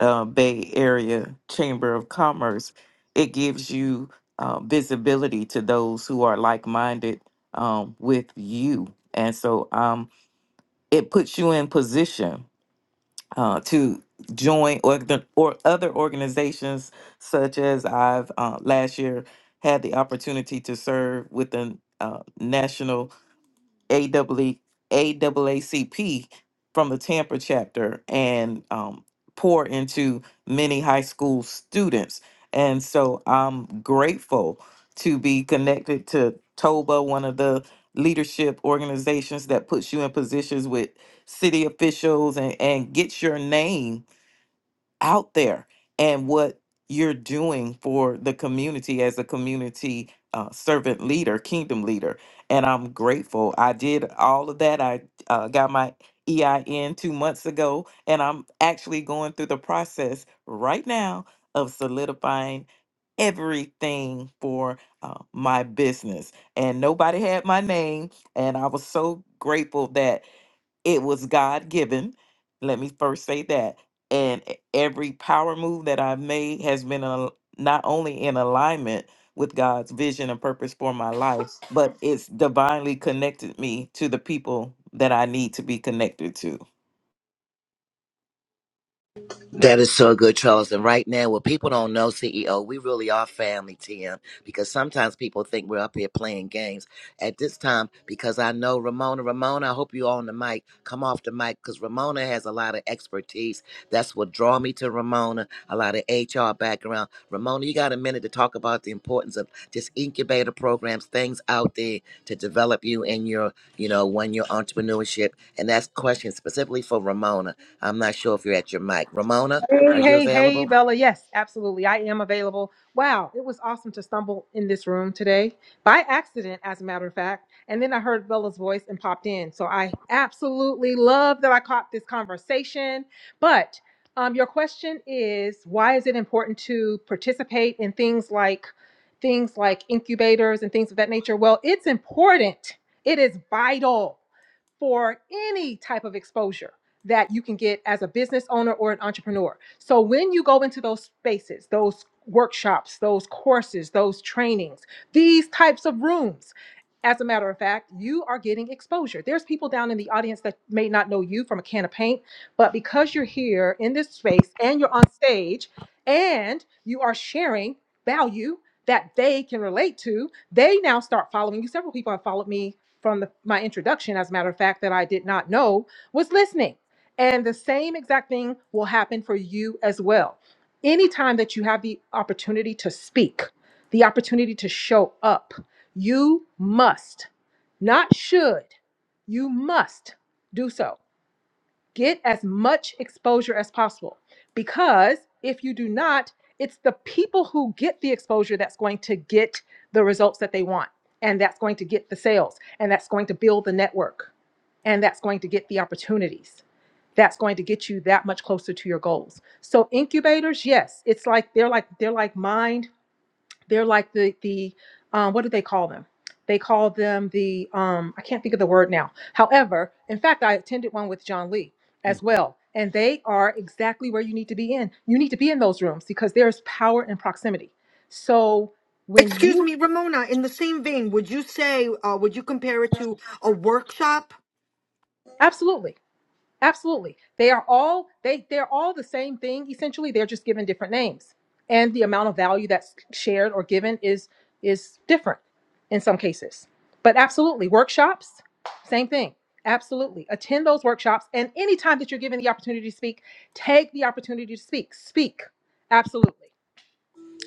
uh, Bay Area Chamber of Commerce, it gives you uh, visibility to those who are like minded um, with you. And so um, it puts you in position uh, to join or, or other organizations, such as I've uh, last year had the opportunity to serve with the uh, National. AAA AAACP from the Tampa chapter and um, pour into many high school students. And so I'm grateful to be connected to TOBA, one of the leadership organizations that puts you in positions with city officials and, and gets your name out there and what you're doing for the community as a community uh, servant leader, kingdom leader. And I'm grateful. I did all of that. I uh, got my EIN two months ago, and I'm actually going through the process right now of solidifying everything for uh, my business. And nobody had my name, and I was so grateful that it was God given. Let me first say that. And e- every power move that I've made has been al- not only in alignment with God's vision and purpose for my life, but it's divinely connected me to the people that I need to be connected to.
That is so good, Charles. And right now, what people don't know, CEO, we really are family, TM, because sometimes people think we're up here playing games. At this time, because I know Ramona, Ramona, I hope you on the mic. Come off the mic because Ramona has a lot of expertise That's what draw me to Ramona. A lot of HR background. Ramona, you got a minute to talk about the importance of just incubator programs, things out there to develop you in your, you know, one year entrepreneurship. And that's question specifically for Ramona. I'm not sure if you're at your mic. Ramona,
Hey,
are you
hey, hey,
available?
Bella. Yes, absolutely. I am available. Wow, it was awesome to stumble in this room today by accident, as a matter of fact. And then I heard Bella's voice and popped in. So I absolutely love that I caught this conversation. But um, your question is why is it important to participate in things like things like incubators and things of that nature? Well, it's important. It is vital for any type of exposure that you can get as a business owner or an entrepreneur. So when you go into those spaces, those workshops, those courses, those trainings, these types of rooms, as a matter of fact, you are getting exposure. There's people down in the audience that may not know you from a can of paint, but because you're here in this space and you're on stage and you are sharing value that they can relate to, they now start following you. Several people have followed me from the, my introduction, as a matter of fact, that I did not know was listening. And the same exact thing will happen for you as well. Anytime that you have the opportunity to speak, the opportunity to show up, you must, not should, you must do so. Get as much exposure as possible because if you do not, it's the people who get the exposure that's going to get the results that they want. And that's going to get the sales, and that's going to build the network, and that's going to get the opportunities that's going to get you that much closer to your goals. So incubators, yes, it's like they're like they're like mind, they're like the the um, what do they call them? They call them the um, I can't think of the word now. However, in fact, I attended one with John Lee
Mm.
as well, and they are exactly where you need to be in. You need to be in those rooms because there's power in proximity. So when
Excuse
you
me, Ramona, in the same vein, would you say, uh, would you compare it to a workshop?
absolutely Absolutely. They are all they they're all the same thing essentially. They're just given different names. And the amount of value that's shared or given is is different in some cases. But absolutely, workshops, same thing. Absolutely. Attend those workshops and anytime that you're given the opportunity to speak, take the opportunity to speak. Speak. Absolutely.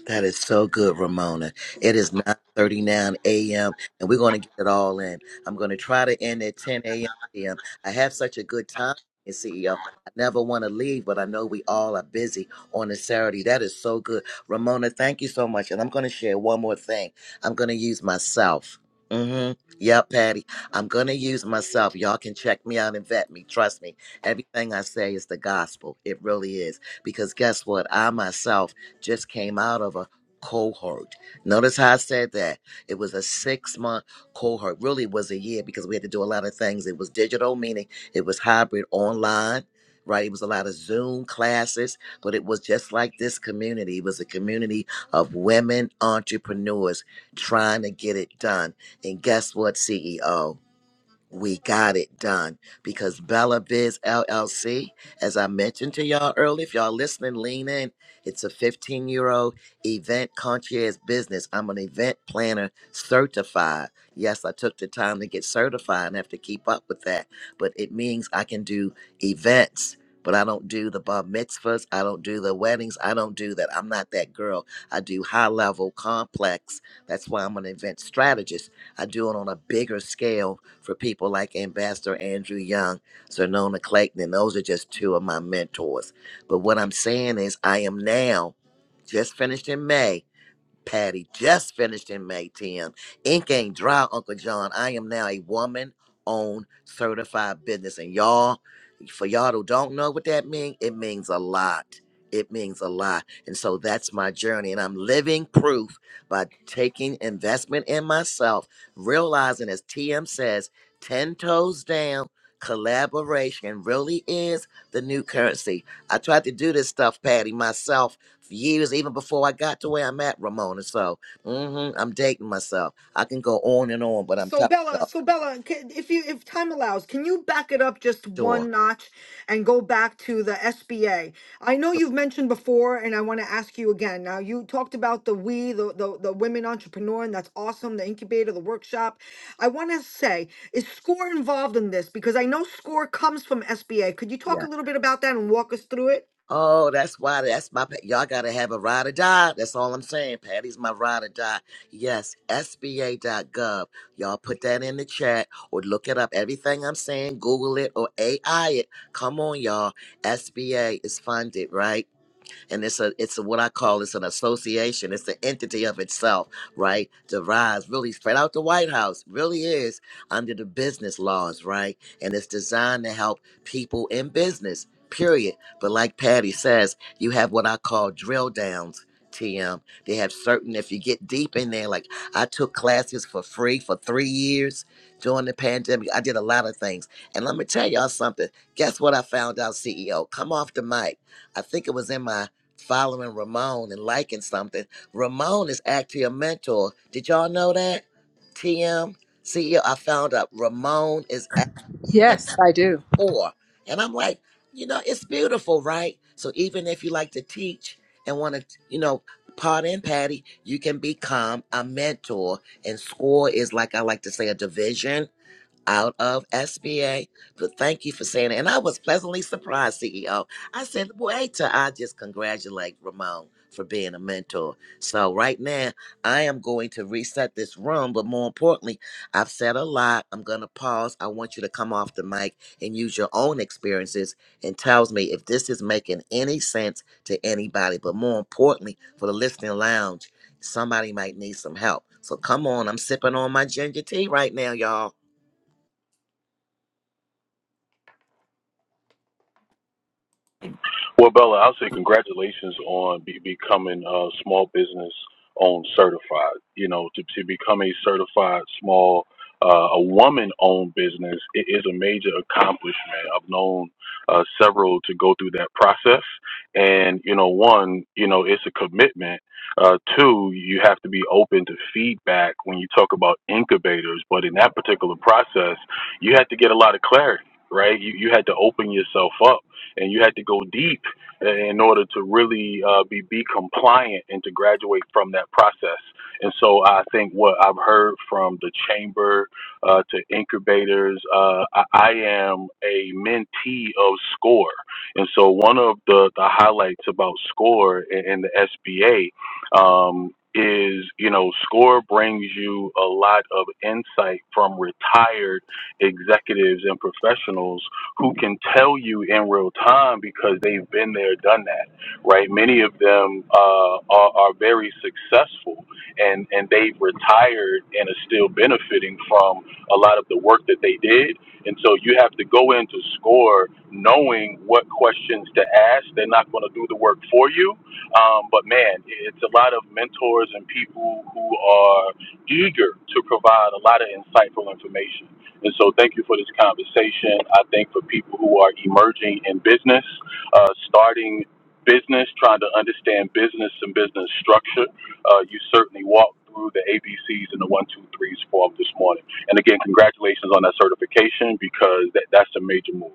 That is so good, Ramona. It is 9.39 a.m. and we're going to get it all in. I'm going to try to end at 10 a.m. p.m. I have such a good time here, CEO. I never want to leave, but I know we all are busy on a Saturday. That is so good. Ramona, thank you so much. And I'm going to share one more thing. I'm going to use myself. Mm-hmm. Yeah, Patty. I'm going to use myself. Y'all can check me out and vet me. Trust me. Everything I say is the gospel. It really is. Because guess what? I myself just came out of a cohort. Notice how I said that. It was a six month cohort. Really was a year because we had to do a lot of things. It was digital, meaning it was hybrid online, right? It was a lot of Zoom classes, but it was just like this community. It was a community of women entrepreneurs trying to get it done. And guess what, CEO? we got it done because Bella Biz LLC, as I mentioned to y'all earlier, if y'all listening, lean in. It's a 15 year old event concierge business. I'm an event planner certified. Yes, I took the time to get certified and have to keep up with that, but it means I can do events. But I don't do the bar mitzvahs. I don't do the weddings. I don't do that. I'm not that girl. I do high level, complex. That's why I'm an event strategist. I do it on a bigger scale for people like Ambassador Andrew Young, Sonona Clayton, and those are just two of my mentors. But what I'm saying is, I am now just finished in May Patty just finished in May 10. Ink ain't dry, Uncle John. I am now a woman owned certified business. And y'all, for y'all who don't know what that means, it means a lot. It means a lot. And so that's my journey. And I'm living proof by taking investment in myself, realizing, as TM says, 10 toes down, collaboration really is the new currency. I tried to do this stuff, Patty, myself years, even before I got to where I'm at, Ramona. So mhm, I'm dating myself. I can go on and on, but I'm
So
telling
Bella,
y'all,
so Bella, ca- if you if time allows, can you back it up just
sure.
one notch and go back to the SBA? I know
sure.
you've mentioned before, and I want to ask you again. Now you talked about the we, the the, the women entrepreneur, and that's awesome. The incubator, the workshop. I want to say, is Score involved in this? Because I know Score comes from SBA. Could you
Yeah.
talk a little bit about that and walk us through it?
Oh, that's why. That's my. pa- Y'all gotta have a ride or die. That's all I'm saying. Patty's my ride or die. Yes, SBA.gov. Y'all put that in the chat or look it up. Everything I'm saying, Google it or AI it. Come on, y'all. SBA is funded, right? and it's a it's a, what I call it's an association. It's the entity of itself, right? Derives really spread out the White House really is under the business laws, right? And it's designed to help people in business. Period. But like Patty says, you have what I call drill downs. TM. They have certain, if you get deep in there, like I took classes for free for three years during the pandemic. I did a lot of things. And let me tell y'all something. Guess what I found out, CEO? Come off the mic. I think it was in my following Ramon and liking something. Ramon is actually a mentor. Did y'all know that? TM CEO, I found out Ramon is a
Yes, I do.
mentor. And I'm like, you know, it's beautiful, right? So even if you like to teach and want to, you know, part in Patty, you can become a mentor. And score is like I like to say a division out of SBA. But thank you for saying it. And I was pleasantly surprised, CEO. I said, wait till I just congratulate Ramon for being a mentor. So right now, I am going to reset this room. But more importantly, I've said a lot. I'm going to pause. I want you to come off the mic and use your own experiences and tells me if this is making any sense to anybody. But more importantly, for the listening lounge, somebody might need some help. So come on, I'm sipping on my ginger tea right now, y'all.
Well, Bella, I'll say congratulations on be- becoming a small business owned certified. You know, to, to become a certified small, uh, a woman owned business i- is a major accomplishment. I've known uh, several to go through that process. And, you know, one, you know, it's a commitment. Uh, two, you have to be open to feedback when you talk about incubators. But in that particular process, you had to get a lot of clarity, right? You, you had to open yourself up and you had to go deep in order to really uh, be be compliant and to graduate from that process. And so I think what I've heard from the chamber uh, to incubators, uh, I, I am a mentee of SCORE. And so one of the, the highlights about SCORE and, and the SBA um, is, you know, SCORE brings you a lot of insight from retired executives and professionals who can tell you in real time because they've been there, done that, right? Many of them uh, are, are very successful and, and they've retired and are still benefiting from a lot of the work that they did. And so you have to go into SCORE knowing what questions to ask. They're not going to do the work for you. Um, but man, it's a lot of mentors and people who are eager to provide a lot of insightful information. And so, thank you for this conversation. I think for people who are emerging in business, uh, starting business, trying to understand business and business structure, uh, you certainly walked through the ABCs and the one, two, threes form this morning. And again, congratulations on that certification because that, that's a major move.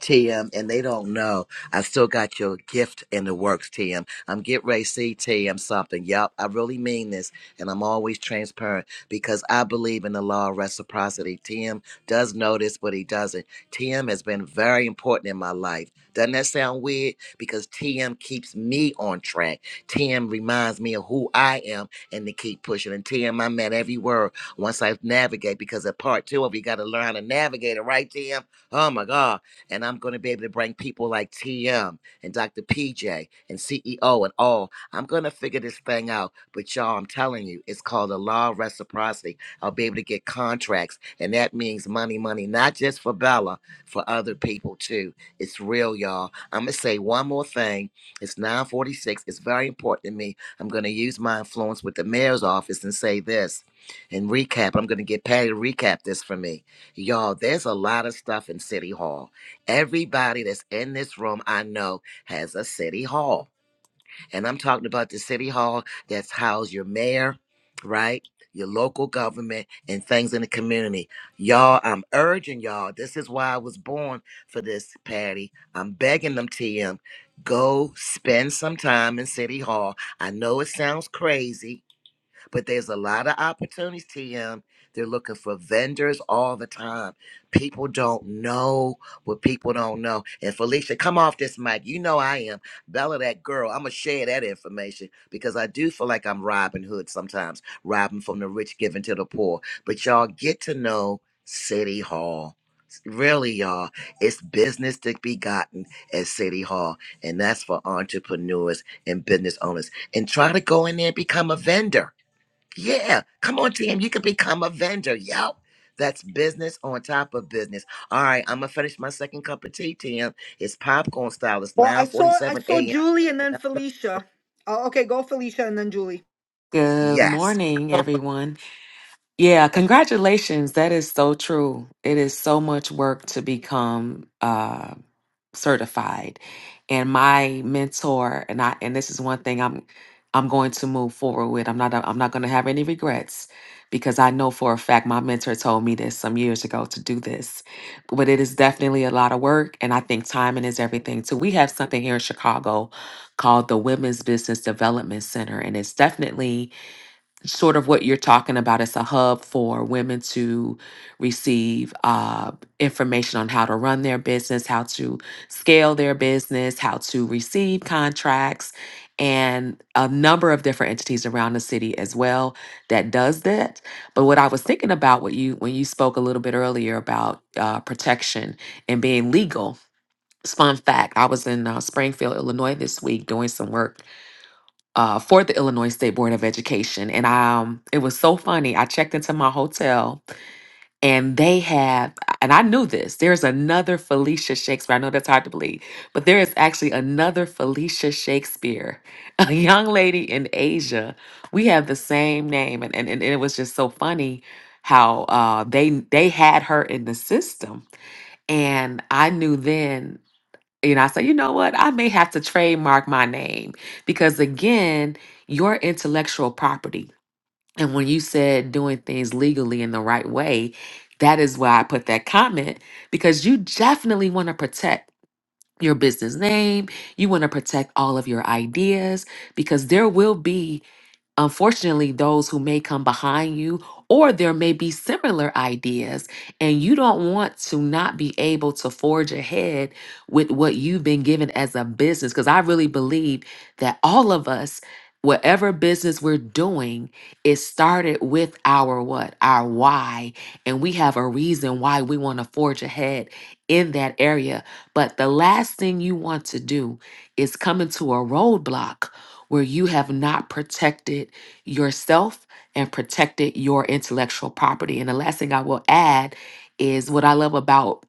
TM, and they don't know. I still got your gift in the works, TM. I'm get ready to see TM something. Yup, I really mean this, and I'm always transparent because I believe in the law of reciprocity. TM does know this, but he doesn't. TM has been very important in my life. Doesn't that sound weird? Because TM keeps me on track. TM reminds me of who I am and to keep pushing. And TM, I'm at every word once I navigate because at part two of you got to learn how to navigate it, right, TM? Oh my God. And I'm going to be able to bring people like TM and Dr. PJ and CEO and all. I'm going to figure this thing out. But y'all, I'm telling you, it's called the law of reciprocity. I'll be able to get contracts. And that means money, money, not just for Bella, for other people too. It's real, y'all. I'm going to say one more thing. It's 946. It's very important to me. I'm going to use my influence with the mayor's office and say this and recap. I'm going to get Patty to recap this for me. Y'all, there's a lot of stuff in City Hall. Everybody that's in this room I know has a city hall. And I'm talking about the city hall that's housed your mayor, right? Your local government and things in the community. Y'all, I'm urging y'all. This is why I was born for this, Patty. I'm begging them, TM. Go spend some time in City Hall. I know it sounds crazy, but there's a lot of opportunities, TM. They're looking for vendors all the time. People don't know what people don't know. And Felicia, come off this mic. You know I am. Bella, that girl, I'm going to share that information because I do feel like I'm Robin Hood sometimes, robbing from the rich, giving to the poor. But y'all get to know City Hall. Really, y'all, it's business to be gotten at City Hall, and that's for entrepreneurs and business owners. And try to go in there and become a vendor yeah, come on, team. You can become a vendor. Yep. That's business on top of business. All right, I'm gonna finish my second cup of tea, Tim. It's popcorn style. It's
Well, I saw I
9:47
saw
a.m.
Julie and then Felicia. Oh, okay, go Felicia and then Julie.
Good
Yes.
morning, everyone. Yeah, congratulations. That is so true. It is so much work to become uh, certified. And my mentor and I, and this is one thing I'm, I'm going to move forward with. I'm not, I'm not going to have any regrets because I know for a fact my mentor told me this some years ago to do this. But it is definitely a lot of work, and I think timing is everything too. We have something here in Chicago called the Women's Business Development Center, and it's definitely sort of what you're talking about. It's a hub for women to receive uh, information on how to run their business, how to scale their business, how to receive contracts, and a number of different entities around the city as well that does that. But what I was thinking about what you when you spoke a little bit earlier about uh, protection and being legal. its Fun fact: I was in uh, Springfield, Illinois this week doing some work uh, for the Illinois State Board of Education. And um, it was so funny. I checked into my hotel and they had, and I knew this, there's another Felicia Shakespeare. I know that's hard to believe, but there is actually another Felicia Shakespeare, a young lady in Asia. We have the same name. And, and, and it was just so funny how uh, they they had her in the system. And I knew then you know, I said, you know what? I may have to trademark my name because, again, your intellectual property. And when you said doing things legally in the right way, that is why I put that comment because you definitely want to protect your business name. You want to protect all of your ideas because there will be Unfortunately, those who may come behind you, or there may be similar ideas, and you don't want to not be able to forge ahead with what you've been given as a business. Because I really believe that all of us, whatever business we're doing, it started with our what? Our why. And we have a reason why we want to forge ahead in that area. But the last thing you want to do is come into a roadblock where you have not protected yourself and protected your intellectual property. And the last thing I will add is what I love about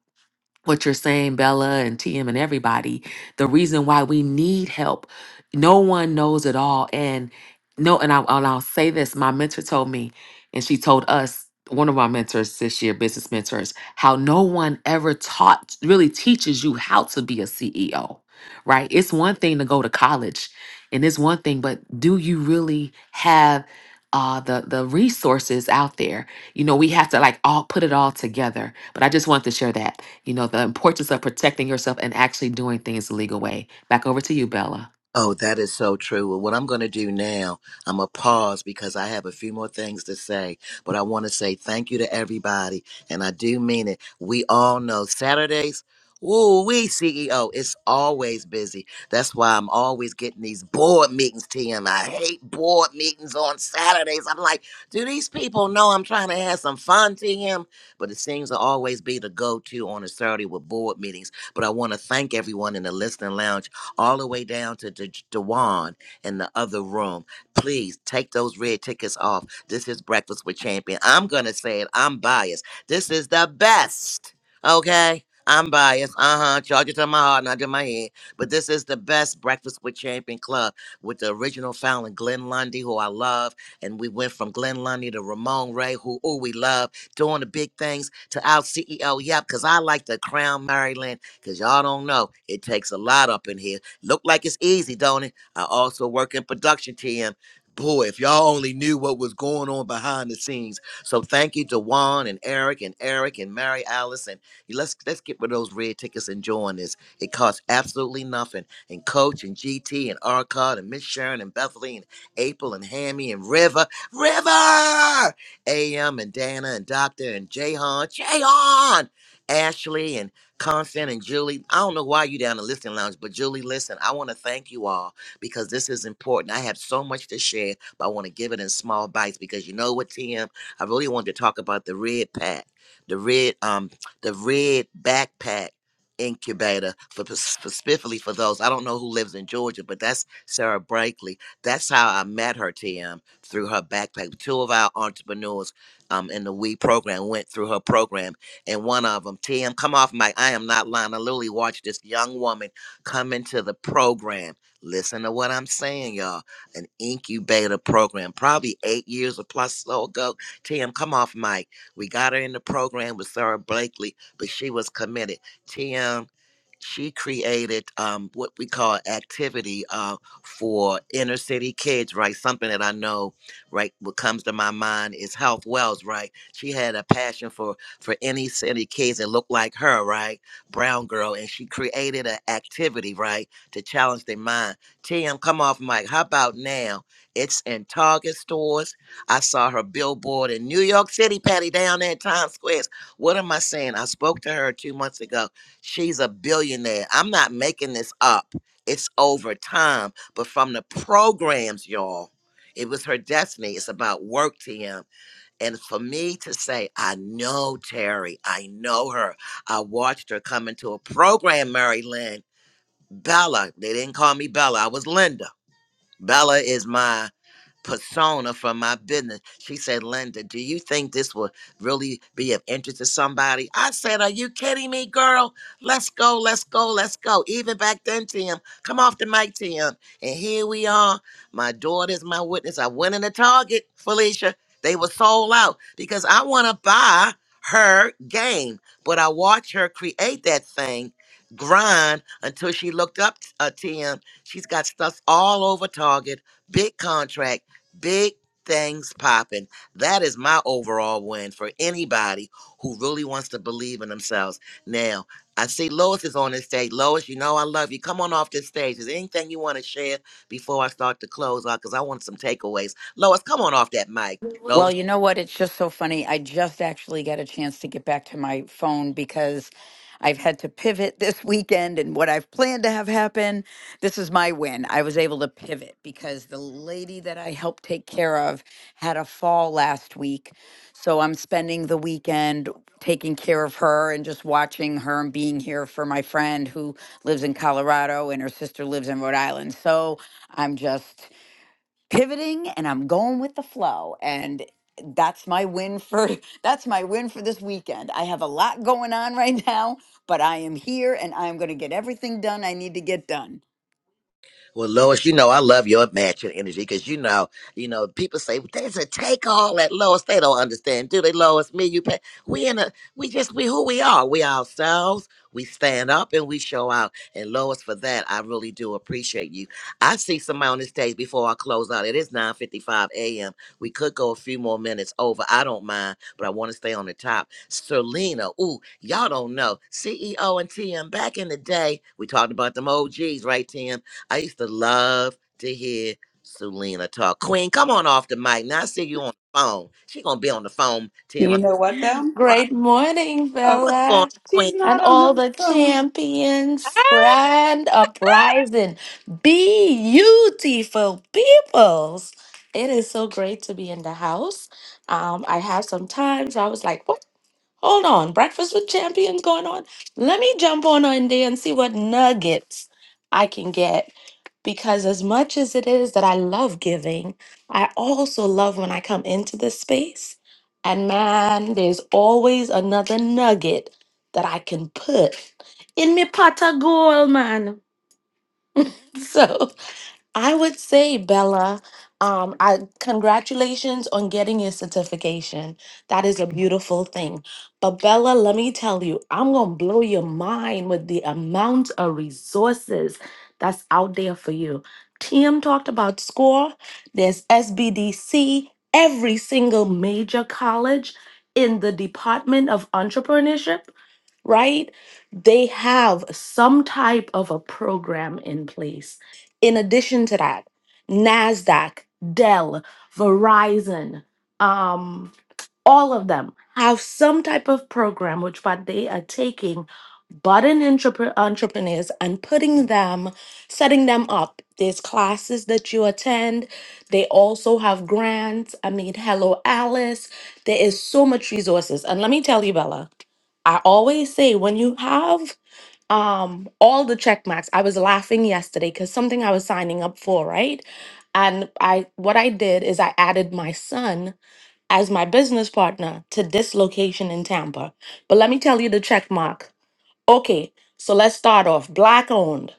what you're saying, Bella and TM and everybody, the reason why we need help. No one knows it all. And no, and, I, and I'll say this my mentor told me, and she told us, one of our mentors this year, business mentors, how no one ever taught, really teaches you how to be a CEO, right? It's one thing to go to college and it's one thing, but do you really have uh, the, the resources out there? You know, we have to like all put it all together. But I just want to share that you know, the importance of protecting yourself and actually doing things the legal way. Back over to you, Bella.
Oh, that is so true. Well, what I'm going to do now, I'm going to pause because I have a few more things to say, but I want to say thank you to everybody. And I do mean it. We all know Saturdays. Woo wee, CEO. It's always busy. That's why I'm always getting these board meetings, TM. I hate board meetings on Saturdays. I'm like, do these people know I'm trying to have some fun, TM? But it seems to always be the go to on a Saturday with board meetings. But I want to thank everyone in the listening lounge all the way down to D- Dewan in the other room. Please take those red tickets off. This is Breakfast with Champion. I'm going to say it. I'm biased. This is the best. Okay? I'm biased. Uh huh. Charge it to my heart, not to my head. But this is the best Breakfast with Champion Club with the original founder, Glenn Lundy, who I love. And we went from Glenn Lundy to Ramon Ray, who ooh, we love, doing the big things to our CEO. Yep, because I like to crown Maryland, because y'all don't know, it takes a lot up in here. Look like it's easy, don't it? I also work in production, TM. Boy, if y'all only knew what was going on behind the scenes. So thank you to Juan and Eric and Eric and Mary Alice. And let's let's get rid of those red tickets and join this. It costs absolutely nothing. And Coach and GT and Arcot and Miss Sharon and Bethany and April and Hammy and River. River! AM and Dana and Doctor and Jahan. Jahan! Ashley Constant and Julie, I don't know why you down in the listening lounge, but Julie, listen, I want to thank you all because this is important. I have so much to share, but I want to give it in small bites because you know what, Tim? I really wanted to talk about the red pack, the red, um, the red backpack incubator for p- specifically for those. I don't know who lives in Georgia, but that's Sarah Brakely. That's how I met her, Tim, through her backpack. Two of our entrepreneurs um, in the We program went through her program and one of them, TM, come off mic. I am not lying. I literally watched this young woman come into the program. Listen to what I'm saying, y'all. An incubator program, probably eight years or plus so ago. TM, come off mic. We got her in the program with Sarah Blakely, but she was committed. TM, she created um, what we call activity uh, for inner city kids, right? Something that I know, right, what comes to my mind is Health Wells, right? She had a passion for for any city kids that look like her, right? Brown girl. And she created an activity, right, to challenge their mind. TM, come off mic. How about now? It's in Target stores. I saw her billboard in New York City, Patty, down there in Times Square. What am I saying? I spoke to her two months ago. She's a billionaire. I'm not making this up. It's over time. But from the programs, y'all, it was her destiny. It's about work, TM. And for me to say, I know Terry, I know her. I watched her come into a program, Mary Lynn. Bella, they didn't call me Bella, I was Linda Bella is my persona from my business. She said, Linda, do you think this will really be of interest to somebody? I said, Are you kidding me, girl? Let's go, let's go, let's go. Even back then, Tim, come off the mic, Tim. And here we are. My daughter's my witness. I went in the Target, Felicia. They were sold out because I want to buy her game, but I watched her create that thing, grind until she looked up uh, Tim She's got stuff all over Target, big contract, big things popping. That is my overall win for anybody who really wants to believe in themselves. Now, I see Lois is on this stage. Lois, you know I love you. Come on off this stage. Is there anything you want to share before I start to close out? Because I want some takeaways. Lois, come on off that mic.
Well, you know what? It's just so funny. I just actually got a chance to get back to my phone because I've had to pivot this weekend and what I've planned to have happen. This is my win. I was able to pivot because the lady that I helped take care of had a fall last week. So I'm spending the weekend taking care of her and just watching her and being here for my friend who lives in Colorado and her sister lives in Rhode Island. So I'm just pivoting and I'm going with the flow and that's my win for that's my win for this weekend. I have a lot going on right now, but I am here and I'm going to get everything done I need to get done.
Well, Lois, you know I love your matching energy because you know, you know, people say there's a take all at Lois. They don't understand, do they? Lois, me, you, pay. we in a, we just we who we are. We ourselves. We stand up and we show out. And Lois, for that, I really do appreciate you. I see somebody on this stage before I close out. It is 9:55 a.m. We could go a few more minutes over. I don't mind, but I want to stay on the top. Selena, ooh, y'all don't know CEO and TM back in the day. We talked about them OGs, right, Tim? I used to love to hear Selena talk. Queen, come on off the mic. Now I see you on the phone. She gonna be on the phone till
You
I'm
know what, though?
right.
Great morning,
Oh,
What's going on,
Bella,
Queen?
she's
and
not on
all
the
the
phone.
champions. Grand uprising, beautiful peoples. It is so great to be in the house. Um, I have some time, so I was like, "What? Hold on, breakfast with champions going on? Let me jump on in there and see what nuggets I can get." because as much as it is that I love giving, I also love when I come into this space. And man, there's always another nugget that I can put in my pot of gold, man. So I would say, Bella, um, I congratulations on getting your certification. That is a beautiful thing. But Bella, let me tell you, I'm gonna blow your mind with the amount of resources that's out there for you. Tim talked about SCORE. There's SBDC. Every single major college in the Department of Entrepreneurship right? They have some type of a program in place in addition to that, NASDAQ, Dell, Verizon, um, all of them have some type of program which what they are taking budding entrepre- entrepreneurs and putting them, setting them up. There's classes that you attend. They also have grants. I mean, hello, Alice. There is so much resources. And let me tell you, Bella, I always say when you have um all the check marks i was laughing yesterday because something i was signing up for right and i what i did is i added my son as my business partner to this location in tampa but let me tell you the check mark okay so let's start off black owned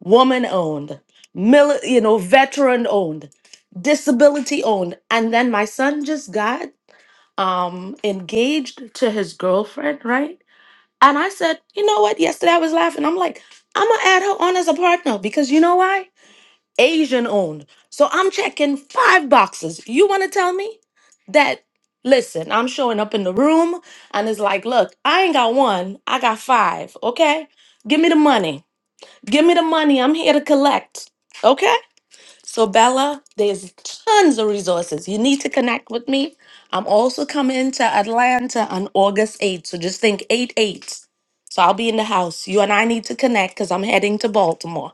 woman owned mil- you know veteran owned disability owned and then my son just got um engaged to his girlfriend right and I said, you know what? Yesterday I was laughing. I'm like, I'm gonna add her on as a partner because you know why? Asian owned. So I'm checking five boxes. You wanna tell me that? Listen, I'm showing up in the room and it's like, look, I ain't got one, I got five, okay? Give me the money. Give me the money. I'm here to collect, okay? So, Bella, there's tons of resources. You need to connect with me. I'm also coming to Atlanta on August 8th. So, just think 8 8. So, I'll be in the house. You and I need to connect because I'm heading to Baltimore.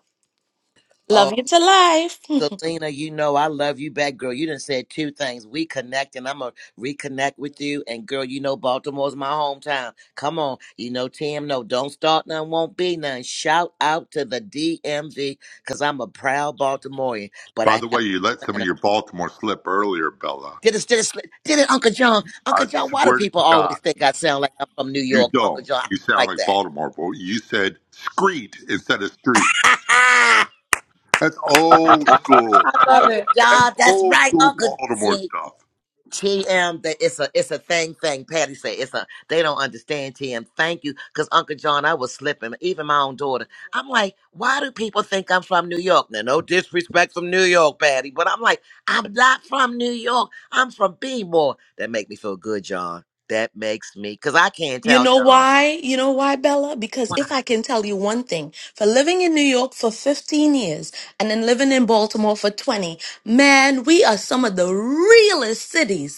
Love
Oh,
you to life.
Selena, you know I love you back, girl. You done said two things. We connect and I'm gonna reconnect with you. And girl, you know Baltimore's my hometown. Come on. You know, Tim, no, don't start none, won't be none. Shout out to the DMV, cause I'm a proud Baltimorean, but
By
I
the way, you let
have
some of your Baltimore slip earlier, Bella.
Did it, did it, did it, Uncle John?
I
Uncle John, why do
swear to
people
God.
always think I sound like I'm from New
You
York? Uncle
don't.
John, I don't
You sound
like
like Baltimore. But you said screet instead of street.
that.
That's old school.
I love
Uncle
That's
John, that's
old
right,
school
Uncle.
Baltimore
See,
stuff.
TM, that it's a, it's a thing, thing. Patty said it's a, they don't understand TM. Thank you, because Uncle John, I was slipping. Even my own daughter, I'm like, why do people think I'm from New York? Now, no disrespect from New York, Patty, but I'm like, I'm not from New York. I'm from B-more. That make me feel good, John. That makes me, because I can't
You
tell,
know
John.
why? You know why, Bella? Because
why.
if I can tell you one thing, for living in New York for 15 years and then living in Baltimore for 20, man, we are some of the realest cities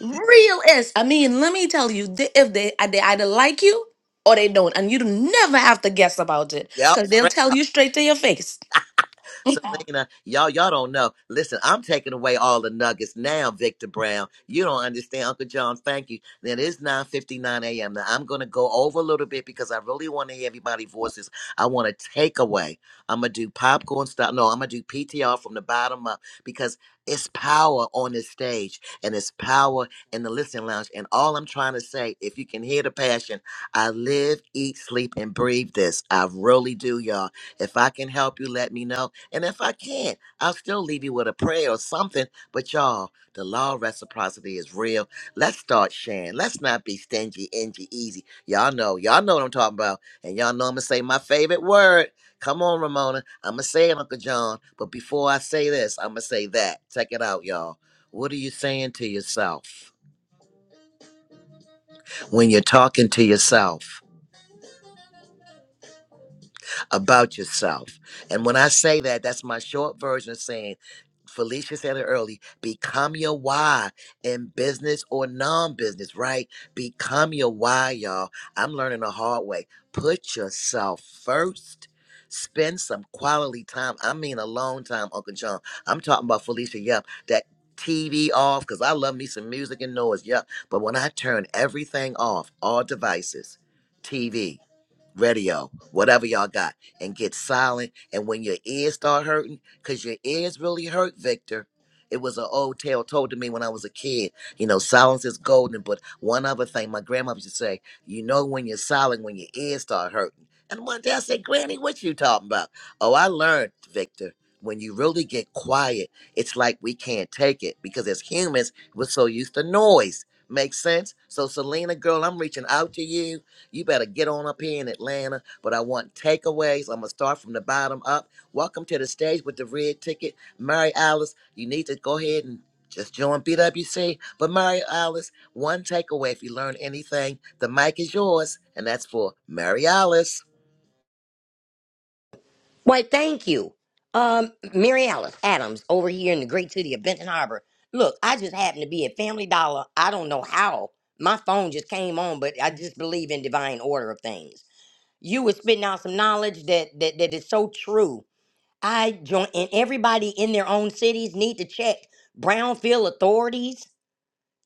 Real is. I mean, let me tell you, they, if they uh, they either like you or they don't, and you do never have to guess about it,
Yep,
cause they'll
straight
tell you straight to your face.
Selena, y'all, y'all don't know. Listen, I'm taking away all the nuggets now, Victor Brown. You don't understand, Uncle John. Thank you. Then it's 9:59 a.m. Now I'm gonna go over a little bit because I really want to hear everybody's voices. I want to take away. I'm gonna do popcorn style. No, I'm gonna do PTR from the bottom up because it's power on this stage and it's power in the listening lounge. And all I'm trying to say, if you can hear the passion, I live, eat, sleep, and breathe this. I really do, y'all. If I can help you, let me know. And if I can't, I'll still leave you with a prayer or something. But y'all, the law of reciprocity is real. Let's start sharing. Let's not be stingy, ingy, easy. Y'all know, y'all know what I'm talking about. And y'all know I'm gonna say my favorite word. Come on, Ramona. I'm gonna say it, Uncle John. But before I say this, I'm gonna say that. Check it out, y'all. What are you saying to yourself when you're talking to yourself? about yourself. And when I say that, that's my short version of saying, Felicia said it early, become your why in business or non business, right? Become your why, y'all. I'm learning the hard way. Put yourself first. Spend some quality time. I mean, a long time, Uncle John. I'm talking about Felicia. Yep. That TV off, because I love me some music and noise. Yep. But when I turn everything off, all devices, TV, radio, whatever y'all got and get silent. And when your ears start hurting, because your ears really hurt, Victor. It was an old tale told to me when I was a kid. You know, silence is golden. But one other thing, my grandma used to say, you know, when you're silent, when your ears start hurting. And one day I said, Granny, what you talking about? Oh, I learned, Victor. When you really get quiet, it's like we can't take it because as humans, we're so used to noise. Makes sense? So, Selena, girl, I'm reaching out to you you better get on up here in Atlanta. But I want takeaways. I'm gonna start from the bottom up. Welcome to the stage with the red ticket, Mary Alice. You need to go ahead and just join BWC. But Mary Alice, one takeaway. If you learn anything, the mic is yours, and that's for Mary Alice.
Why, thank you. Um, Mary Alice Adams over here in the great city of Benton Harbor. Look, I just happened to be at Family Dollar. I don't know how. My phone just came on, but I just believe in divine order of things. You were spitting out some knowledge that that, that is so true. I join and everybody in their own cities need to check brownfield authorities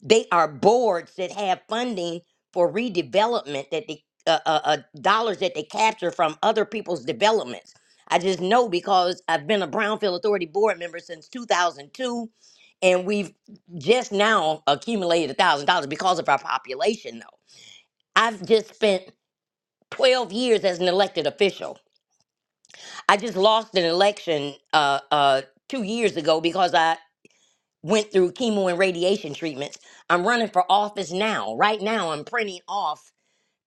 they are boards that have funding for redevelopment that they uh, uh, uh, dollars that they capture from other people's developments. I just know because I've been a Brownfield Authority board member since 2002, and we've just now accumulated a thousand dollars because of our population. Though I've just spent 12 years as an elected official. I just lost an election uh, uh, two years ago because I went through chemo and radiation treatments. I'm running for office now. Right now, I'm printing off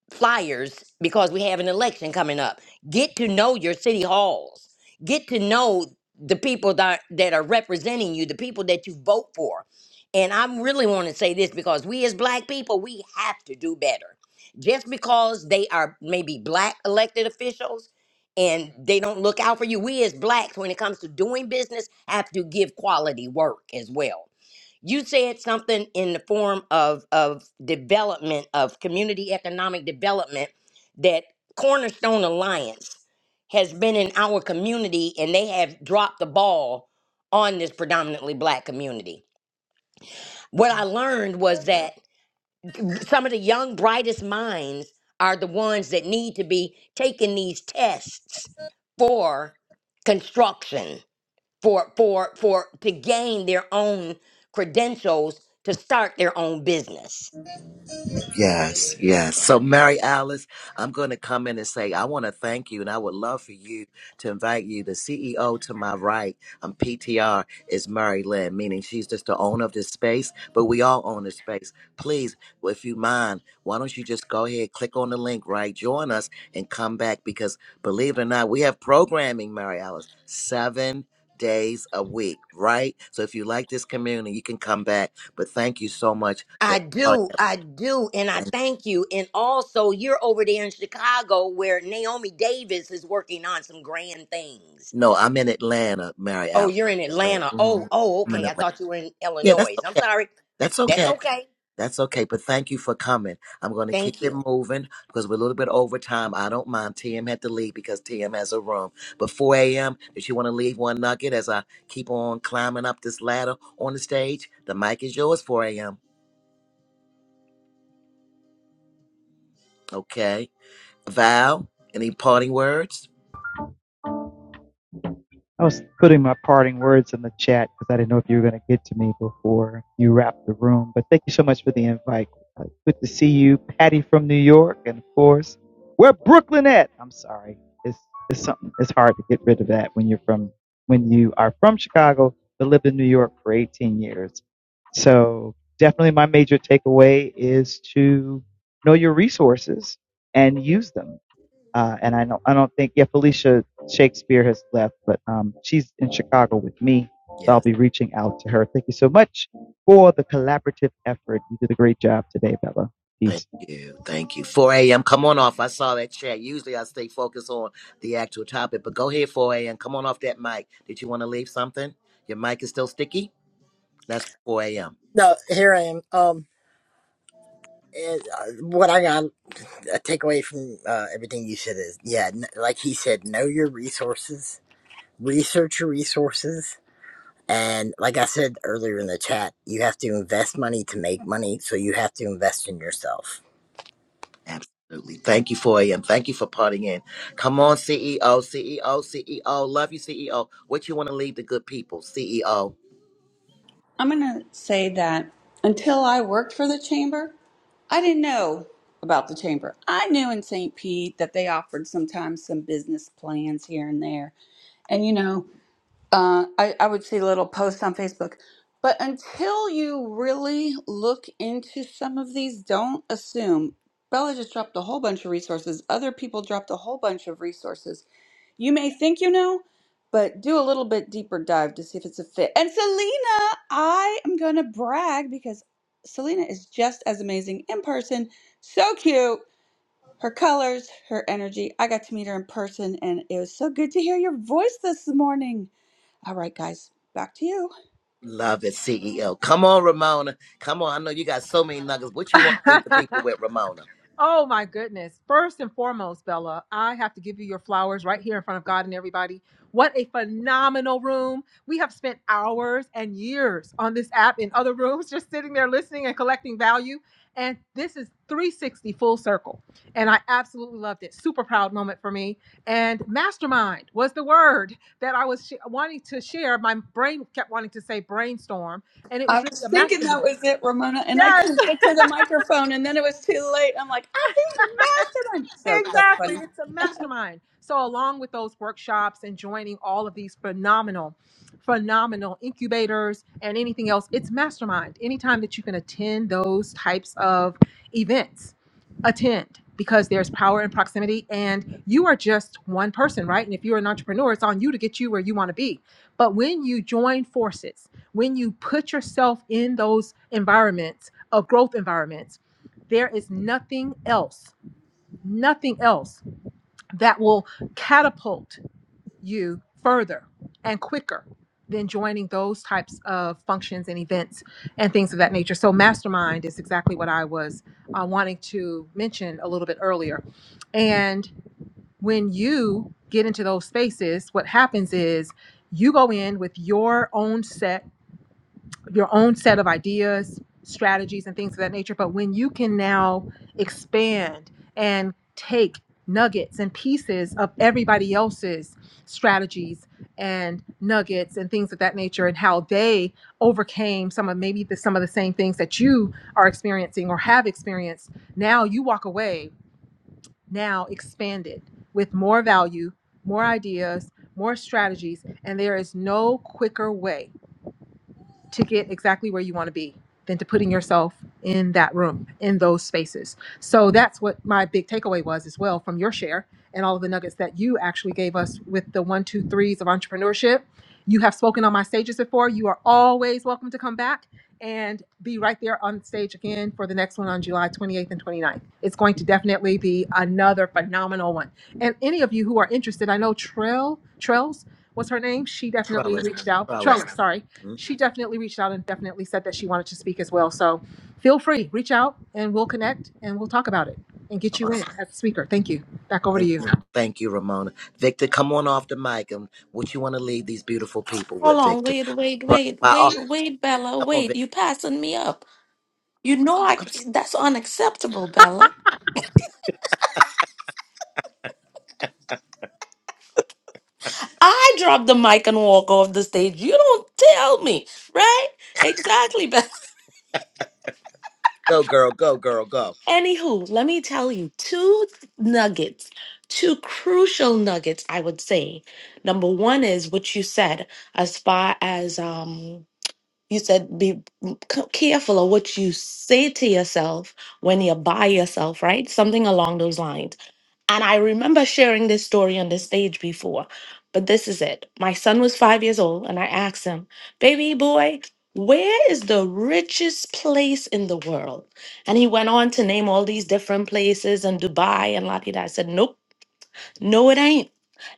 flyers because we have an election coming up. Get to know your city halls. Get to know the people that that are representing you, the people that you vote for. And I really want to say this because we as black people, we have to do better. Just because they are maybe black elected officials and they don't look out for you, we as blacks, when it comes to doing business, have to give quality work as well you said something in the form of of development of community economic development that cornerstone alliance has been in our community and they have dropped the ball on this predominantly black community what i learned was that some of the young brightest minds are the ones that need to be taking these tests for construction for for for to gain their own credentials to start their own business.
Yes, yes. So, Mary Alice, I'm going to come in and say, I want to thank you, and I would love for you to invite you. The CEO to my right Um, PTR is Mary Lynn, meaning she's just the owner of this space, but we all own this space. Please, if you mind, why don't you just go ahead, click on the link, right? Join us and come back because believe it or not, we have programming, Mary Alice, seven days a week, right? So, if you like this community, you can come back. But thank you so much.
I do,
for-
I do, and I thank you. And also, you're over there in Chicago where Naomi Davis is working on some grand things.
No, I'm in Atlanta, Mary
Oh,
Alice.
you're
I'm
in
in Atlanta.
Atlanta. Oh,
hmm
oh,
I'm
okay.
in
I
Atlanta.
thought you were in
Yeah, that's
Illinois. I'm
okay.
sorry.
That's
That's
okay.
okay.
That's okay. But thank you for coming. I'm going to keep
Thank you.
it moving because we're a little bit over time. I don't mind. TM had to leave because TM has a room. But 4 a.m., if you want to leave one nugget as I keep on climbing up this ladder on the stage, the mic is yours, 4 a.m. Okay. Val, any parting words?
I was putting my parting words in the chat because I didn't know if you were going to get to me before you wrapped the room. But thank you so much for the invite. Uh, Good to see you, Patty from New York, and of course, where Brooklyn at? I'm sorry, it's it's something. It's hard to get rid of that when you're from when you are from Chicago but lived in New York for 18 years. So definitely, my major takeaway is to know your resources and use them uh, and I don't, I don't think, yeah, Felicia Shakespeare has left, but um, she's in Chicago with me. So
Yeah.
I'll be reaching out to her. Thank you so much for the collaborative effort. You did a great job today, Bella. Peace.
Thank you. Thank you. 4 a.m. Come on off. I saw that chat. Usually I stay focused on the actual topic, but go ahead, 4 a.m. Come on off that mic. Did you want to leave something? Your mic is still sticky? That's 4 a.m.
No, here I am. Um, it, uh, what I got. a takeaway from uh, everything you said is yeah, n- like he said, know your resources, research your resources. And like I said earlier in the chat, you have to invest money to make money. So you have to invest in yourself.
Absolutely. Thank you, 4 a.m. Thank you for parting in. Come on, CEO, CEO, CEO. Love you, CEO. What you want to leave the good people, CEO?
I'm going to say that until I worked for the chamber, I didn't know about the chamber. I knew in St. Pete that they offered sometimes some business plans here and there. And, you know, uh, I, I would see little posts on Facebook. But until you really look into some of these, don't assume. Bella just dropped a whole bunch of resources. Other people dropped a whole bunch of resources. You may think you know, but do a little bit deeper dive to see if it's a fit. And Selena, I am going to brag because Selena is just as amazing in person. So cute her colors, her energy. I got to meet her in person, and it was so good to hear your voice this morning. All right, guys, back to you.
Love it, CEO. Come on, Ramona. Come on. I know you got so many nuggets. What you want to leave the
it.
people with, Ramona?
Oh my goodness. First and foremost, Bella, I have to give you your flowers right here in front of God and everybody. What a phenomenal room. We have spent hours and years on this app in other rooms, just sitting there listening and collecting value. And this is 360 full circle. And I absolutely loved it. Super proud moment for me. And mastermind was the word that I was sh- wanting to share. My brain kept wanting to say brainstorm, and it was
I
really
was
a
thinking
mastermind.
that was it, Ramona, and I
Yes.
couldn't get to the microphone, and then it was too late. I'm like, I think mastermind. So that's
exactly.
funny.
It's a mastermind. So, along with those workshops and joining all of these phenomenal, phenomenal incubators and anything else, it's mastermind. Anytime that you can attend those types of events, attend because there's power in proximity and you are just one person, right? And if you're an entrepreneur, it's on you to get you where you want to be. But when you join forces, when you put yourself in those environments of growth environments, there is nothing else nothing else that will catapult you further and quicker than joining those types of functions and events and things of that nature. So, mastermind is exactly what I was uh, wanting to mention a little bit earlier. And when you get into those spaces, what happens is you go in with your own set your own set of ideas, strategies, and things of that nature. But when you can now expand and take nuggets and pieces of everybody else's strategies and nuggets and things of that nature and how they overcame some of maybe the, some of the same things that you are experiencing or have experienced now you walk away now expanded with more value more ideas more strategies and there is no quicker way to get exactly where you want to be than to putting yourself in that room in those spaces so that's what my big takeaway was as well from your share and all of the nuggets that you actually gave us with the one two threes of entrepreneurship you have spoken on my stages before you are always welcome to come back and be right there on stage again for the next one on july 28th and twenty ninth. it's going to definitely be another phenomenal one and any of you who are interested i know trail trails what's her name she definitely
Trellis.
reached out
Trellis.
trellis sorry
Mhm.
she definitely reached out and definitely said that she wanted to speak as well. So feel free, reach out and we'll connect and we'll talk about it and get you in as a speaker. Thank you. Back over to
Thank
you.
you. Thank you, Ramona. Victor, come on off the mic. And what you want to leave these beautiful people
Hold
with,
on,
Victor?
wait, wait,
Brother,
wait,
my, oh,
wait, wait, Bella,
come on,
wait.
Victor.
You passing me up. You know
Oh,
I.
I'm
c-
sorry.
That's unacceptable, Bella. I drop the mic and walk off the stage. You don't tell me, right? Exactly,
Go, girl. Go, girl. Go.
Anywho, let me tell you two nuggets, two crucial nuggets, I would say. Number one is what you said, as far as um, you said, be c- careful of what you say to yourself when you're by yourself, right? Something along those lines. And I remember sharing this story on the stage before, but this is it. My son was five years old, and I asked him, Baby boy, where is the richest place in the world? And he went on to name all these different places and Dubai and la di da. I said, Nope, no, it ain't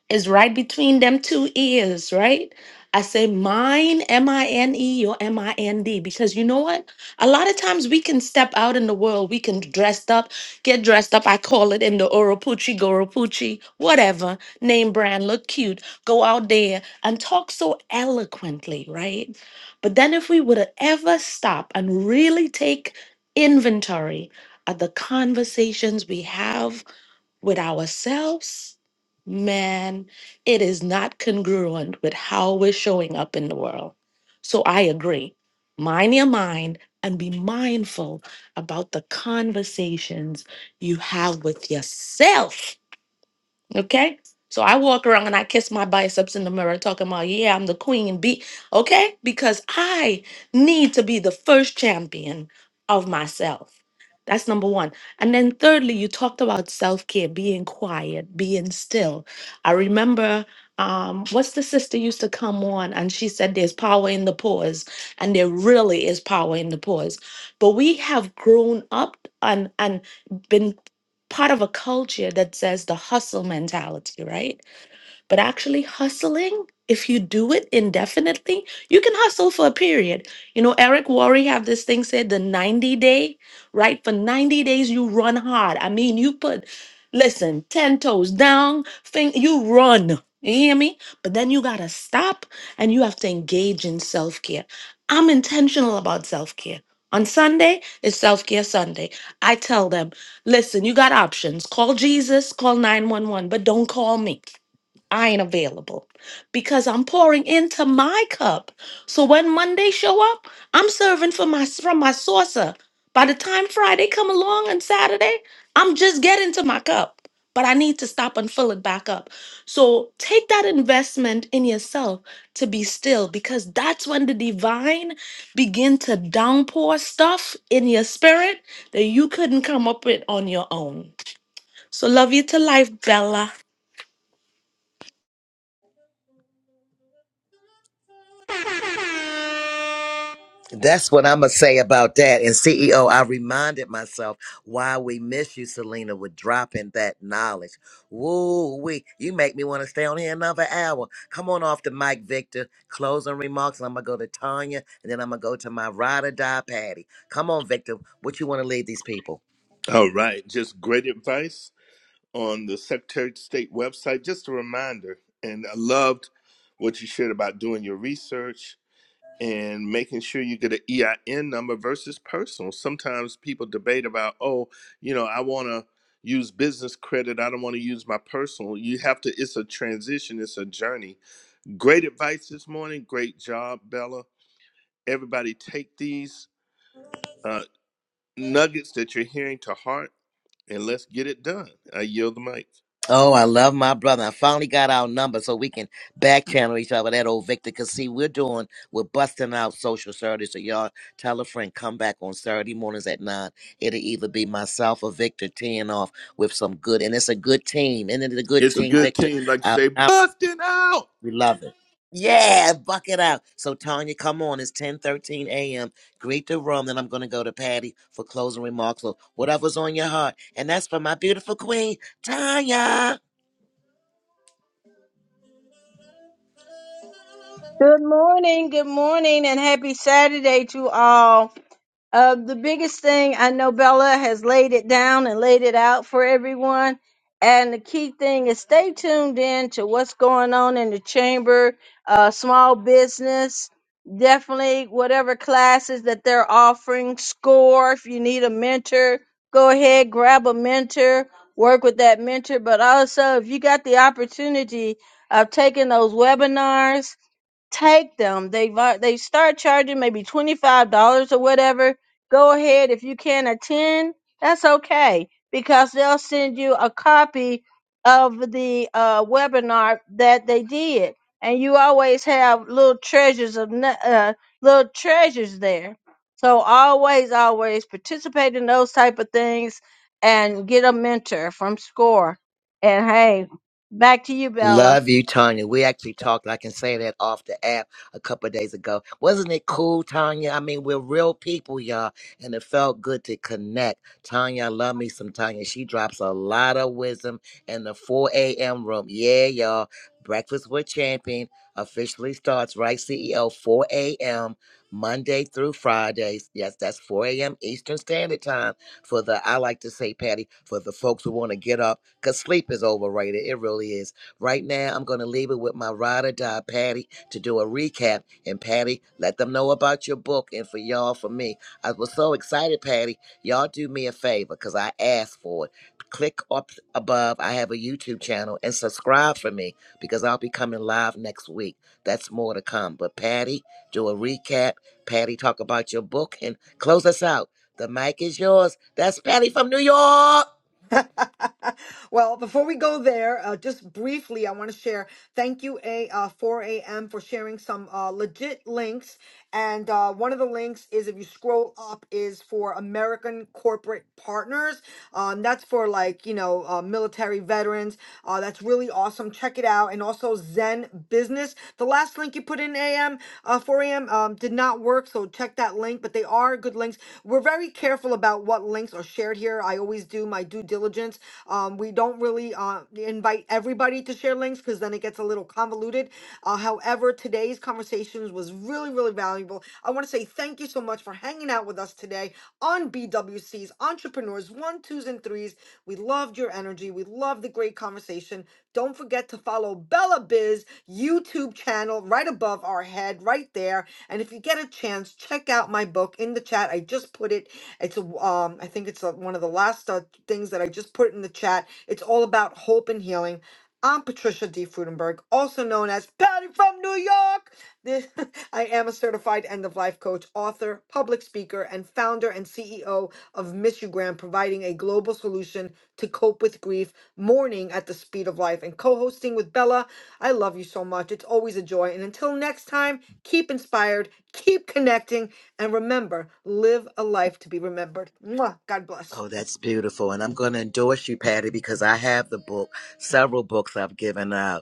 is right between them two ears, right? I say mine, M I N E or M I N D, because you know what? A lot of times we can step out in the world, we can dressed up, get dressed up. I call it in the Oropuchi, Goropuchi, whatever, name brand, look cute, go out there and talk so eloquently, right? But then if we would ever stop and really take inventory of the conversations we have with ourselves, man, it is not congruent with how we're showing up in the world. So I agree. Mind your mind and be mindful about the conversations you have with yourself Okay? So I walk around and I kiss my biceps in the mirror, talking about, yeah, I'm the queen. Be okay? Because I need to be the first champion of myself. That's number one. And then thirdly, you talked about self-care, being quiet, being still. I remember um, what's the sister used to come on and she said there's power in the pause. And there really is power in the pause. But we have grown up and and been part of a culture that says the hustle mentality, right? But actually, hustling, if you do it indefinitely, you can hustle for a period. You know, Eric Worre have this thing said the 90 day, right? For 90 days, you run hard. I mean, you put, listen, 10 toes down, thing, you run. You hear me? But then you gotta stop and you have to engage in self care. I'm intentional about self care. On Sunday is self care Sunday. I tell them, listen, you got options. Call Jesus, call 911, but don't call me. I ain't available because I'm pouring into my cup. So when Monday show up, I'm serving from my from my saucer. By the time Friday come along and Saturday, I'm just getting to my cup. But I need to stop and fill it back up. So take that investment in yourself to be still because that's when the divine begin to downpour stuff in your spirit that you couldn't come up with on your own. So love you to life, Bella.
That's what I'm going to say about that. And CEO, I reminded myself why we miss you, Selena, with dropping that knowledge. Woo, we. You make me want to stay on here another hour. Come on off the mic, Victor. Closing remarks. And I'm going to go to Tanya. And then I'm going to go to my ride or die, Patty. Come on, Victor. What you want to leave these people?
All right, just great advice on the Secretary of State website. Just a reminder, and I loved what you shared about doing your research and making sure you get an EIN number versus personal. Sometimes people debate about, oh, you know, I want to use business credit. I don't want to use my personal. You have to, it's a transition, it's a journey. Great advice this morning. Great job, Bella. Everybody take these uh, nuggets that you're hearing to heart and let's get it done. I yield the mic.
Oh, I love my brother. I finally got our number so we can back channel each other. That old Victor, cause see, we're doing we're busting out social Saturday. So y'all tell a friend come back on Saturday mornings at nine. It'll either be myself or Victor teeing off with some good, and it's a good team. And it's a good
It's a
team,
good
Victor.
team. Like you
Out,
say,
out.
bust it out.
We love it. Yeah, buck it out. So Tanya, come on. It's ten thirteen a.m. Greet the room. Then I'm gonna go to Patty for closing remarks or whatever's on your heart. And that's for my beautiful queen, Tanya.
Good morning, good morning, and happy Saturday to all. Uh, the biggest thing I know Bella has laid it down and laid it out for everyone. And the key thing is stay tuned in to what's going on in the chamber, uh, small business, definitely whatever classes that they're offering, score. If you need a mentor, go ahead, grab a mentor, work with that mentor. But also, if you got the opportunity of taking those webinars, take them. They vi- they start charging maybe twenty five dollars or whatever. Go ahead if you can attend. That's okay because they'll send you a copy of the uh, webinar that they did, and you always have little treasures of nu- uh, little treasures there. So always, always participate in those type of things and get a mentor from SCORE. And hey, back to you, Bella.
Love you, Tanya. We actually talked, I can say that off the app a couple of days ago. Wasn't it cool, Tanya? I mean, we're real people, y'all, and it felt good to connect. Tanya, I love me some Tanya. She drops a lot of wisdom in the 4 a.m. room. Yeah, y'all. Breakfast with Champion officially starts, right, CEO, 4 a.m. Monday through Fridays. Yes, that's 4 a.m. Eastern Standard Time for the, I like to say, Patty, for the folks who want to get up because sleep is overrated. It really is Right now, I'm going to leave it with my ride or die, Patty, to do a recap. And Patty, let them know about your book and for y'all, for me. I was so excited, Patty. Y'all do me a favor because I asked for it. Click up above. I have a YouTube channel and subscribe for me because I'll be coming live next week. That's more to come. But Patty, do a recap. Patty, talk about your book and close us out. The mic is yours. That's Patty from New York.
well, before we go there, uh, just briefly, I want to share. Thank you, a uh, 4 a.m. for sharing some uh, legit links. And uh, one of the links is if you scroll up is for American corporate partners. Um, that's for like you know uh, military veterans. Uh, that's really awesome. Check it out. And also Zen Business. The last link you put in AM, uh, 4 AM um, did not work. So check that link, but they are good links. We're very careful about what links are shared here. I always do my due diligence. Um, we don't really uh, invite everybody to share links because then it gets a little convoluted. Uh, however, today's conversations was really, really valuable. I want to say thank you so much much for hanging out with us today on BWC's Entrepreneurs One, Twos, and Threes. We loved your energy. We loved the great conversation. Don't forget to follow Bella Biz YouTube channel right above our head, right there. And if you get a chance, check out my book in the chat. I just put it. It's a, um, I think it's uh one of the last uh, things that I just put in the chat. It's all about hope and healing. I'm Patricia D. Frudenberg, also known as Patty from New York. This, I am a certified end of life coach, author, public speaker, and founder and CEO of Missugram, providing a global solution to cope with grief, mourning at the speed of life, and co hosting with Bella. I love you so much. It's always a joy. And until next time, keep inspired, keep connecting, and remember live a life to be remembered. Mwah. God bless.
Oh, that's beautiful. And I'm going to endorse you, Patty, because I have the book, several books I've given out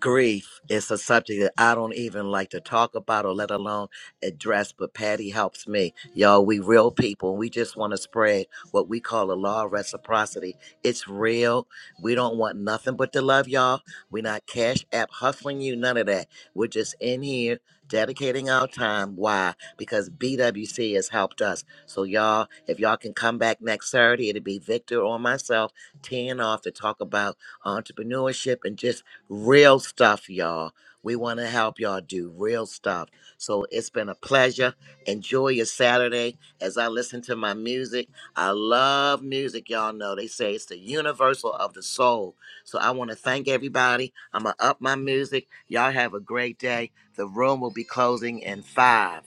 grief is a subject that I don't even like to talk about or let alone address, but Patty helps me. Y'all, we real people. We just want to spread what we call a law of reciprocity. It's real. We don't want nothing but to love y'all. We're not cash app hustling you, none of that. We're just in here dedicating our time. Why? Because BWC has helped us. So y'all, if y'all can come back next Saturday, it'll be Victor or myself teeing off to talk about entrepreneurship and just real stuff, y'all. We want to help y'all do real stuff. So it's been a pleasure. Enjoy your Saturday as I listen to my music. I love music, y'all know. They say it's the universal of the soul. So I want to thank everybody. I'm going to up my music. Y'all have a great day. The room will be closing in five,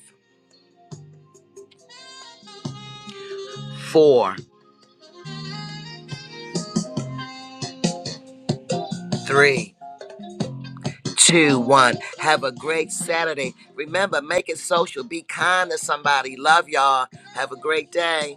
four, three, two, one. Have a great Saturday. Remember, make it social. Be kind to somebody. Love y'all. Have a great day.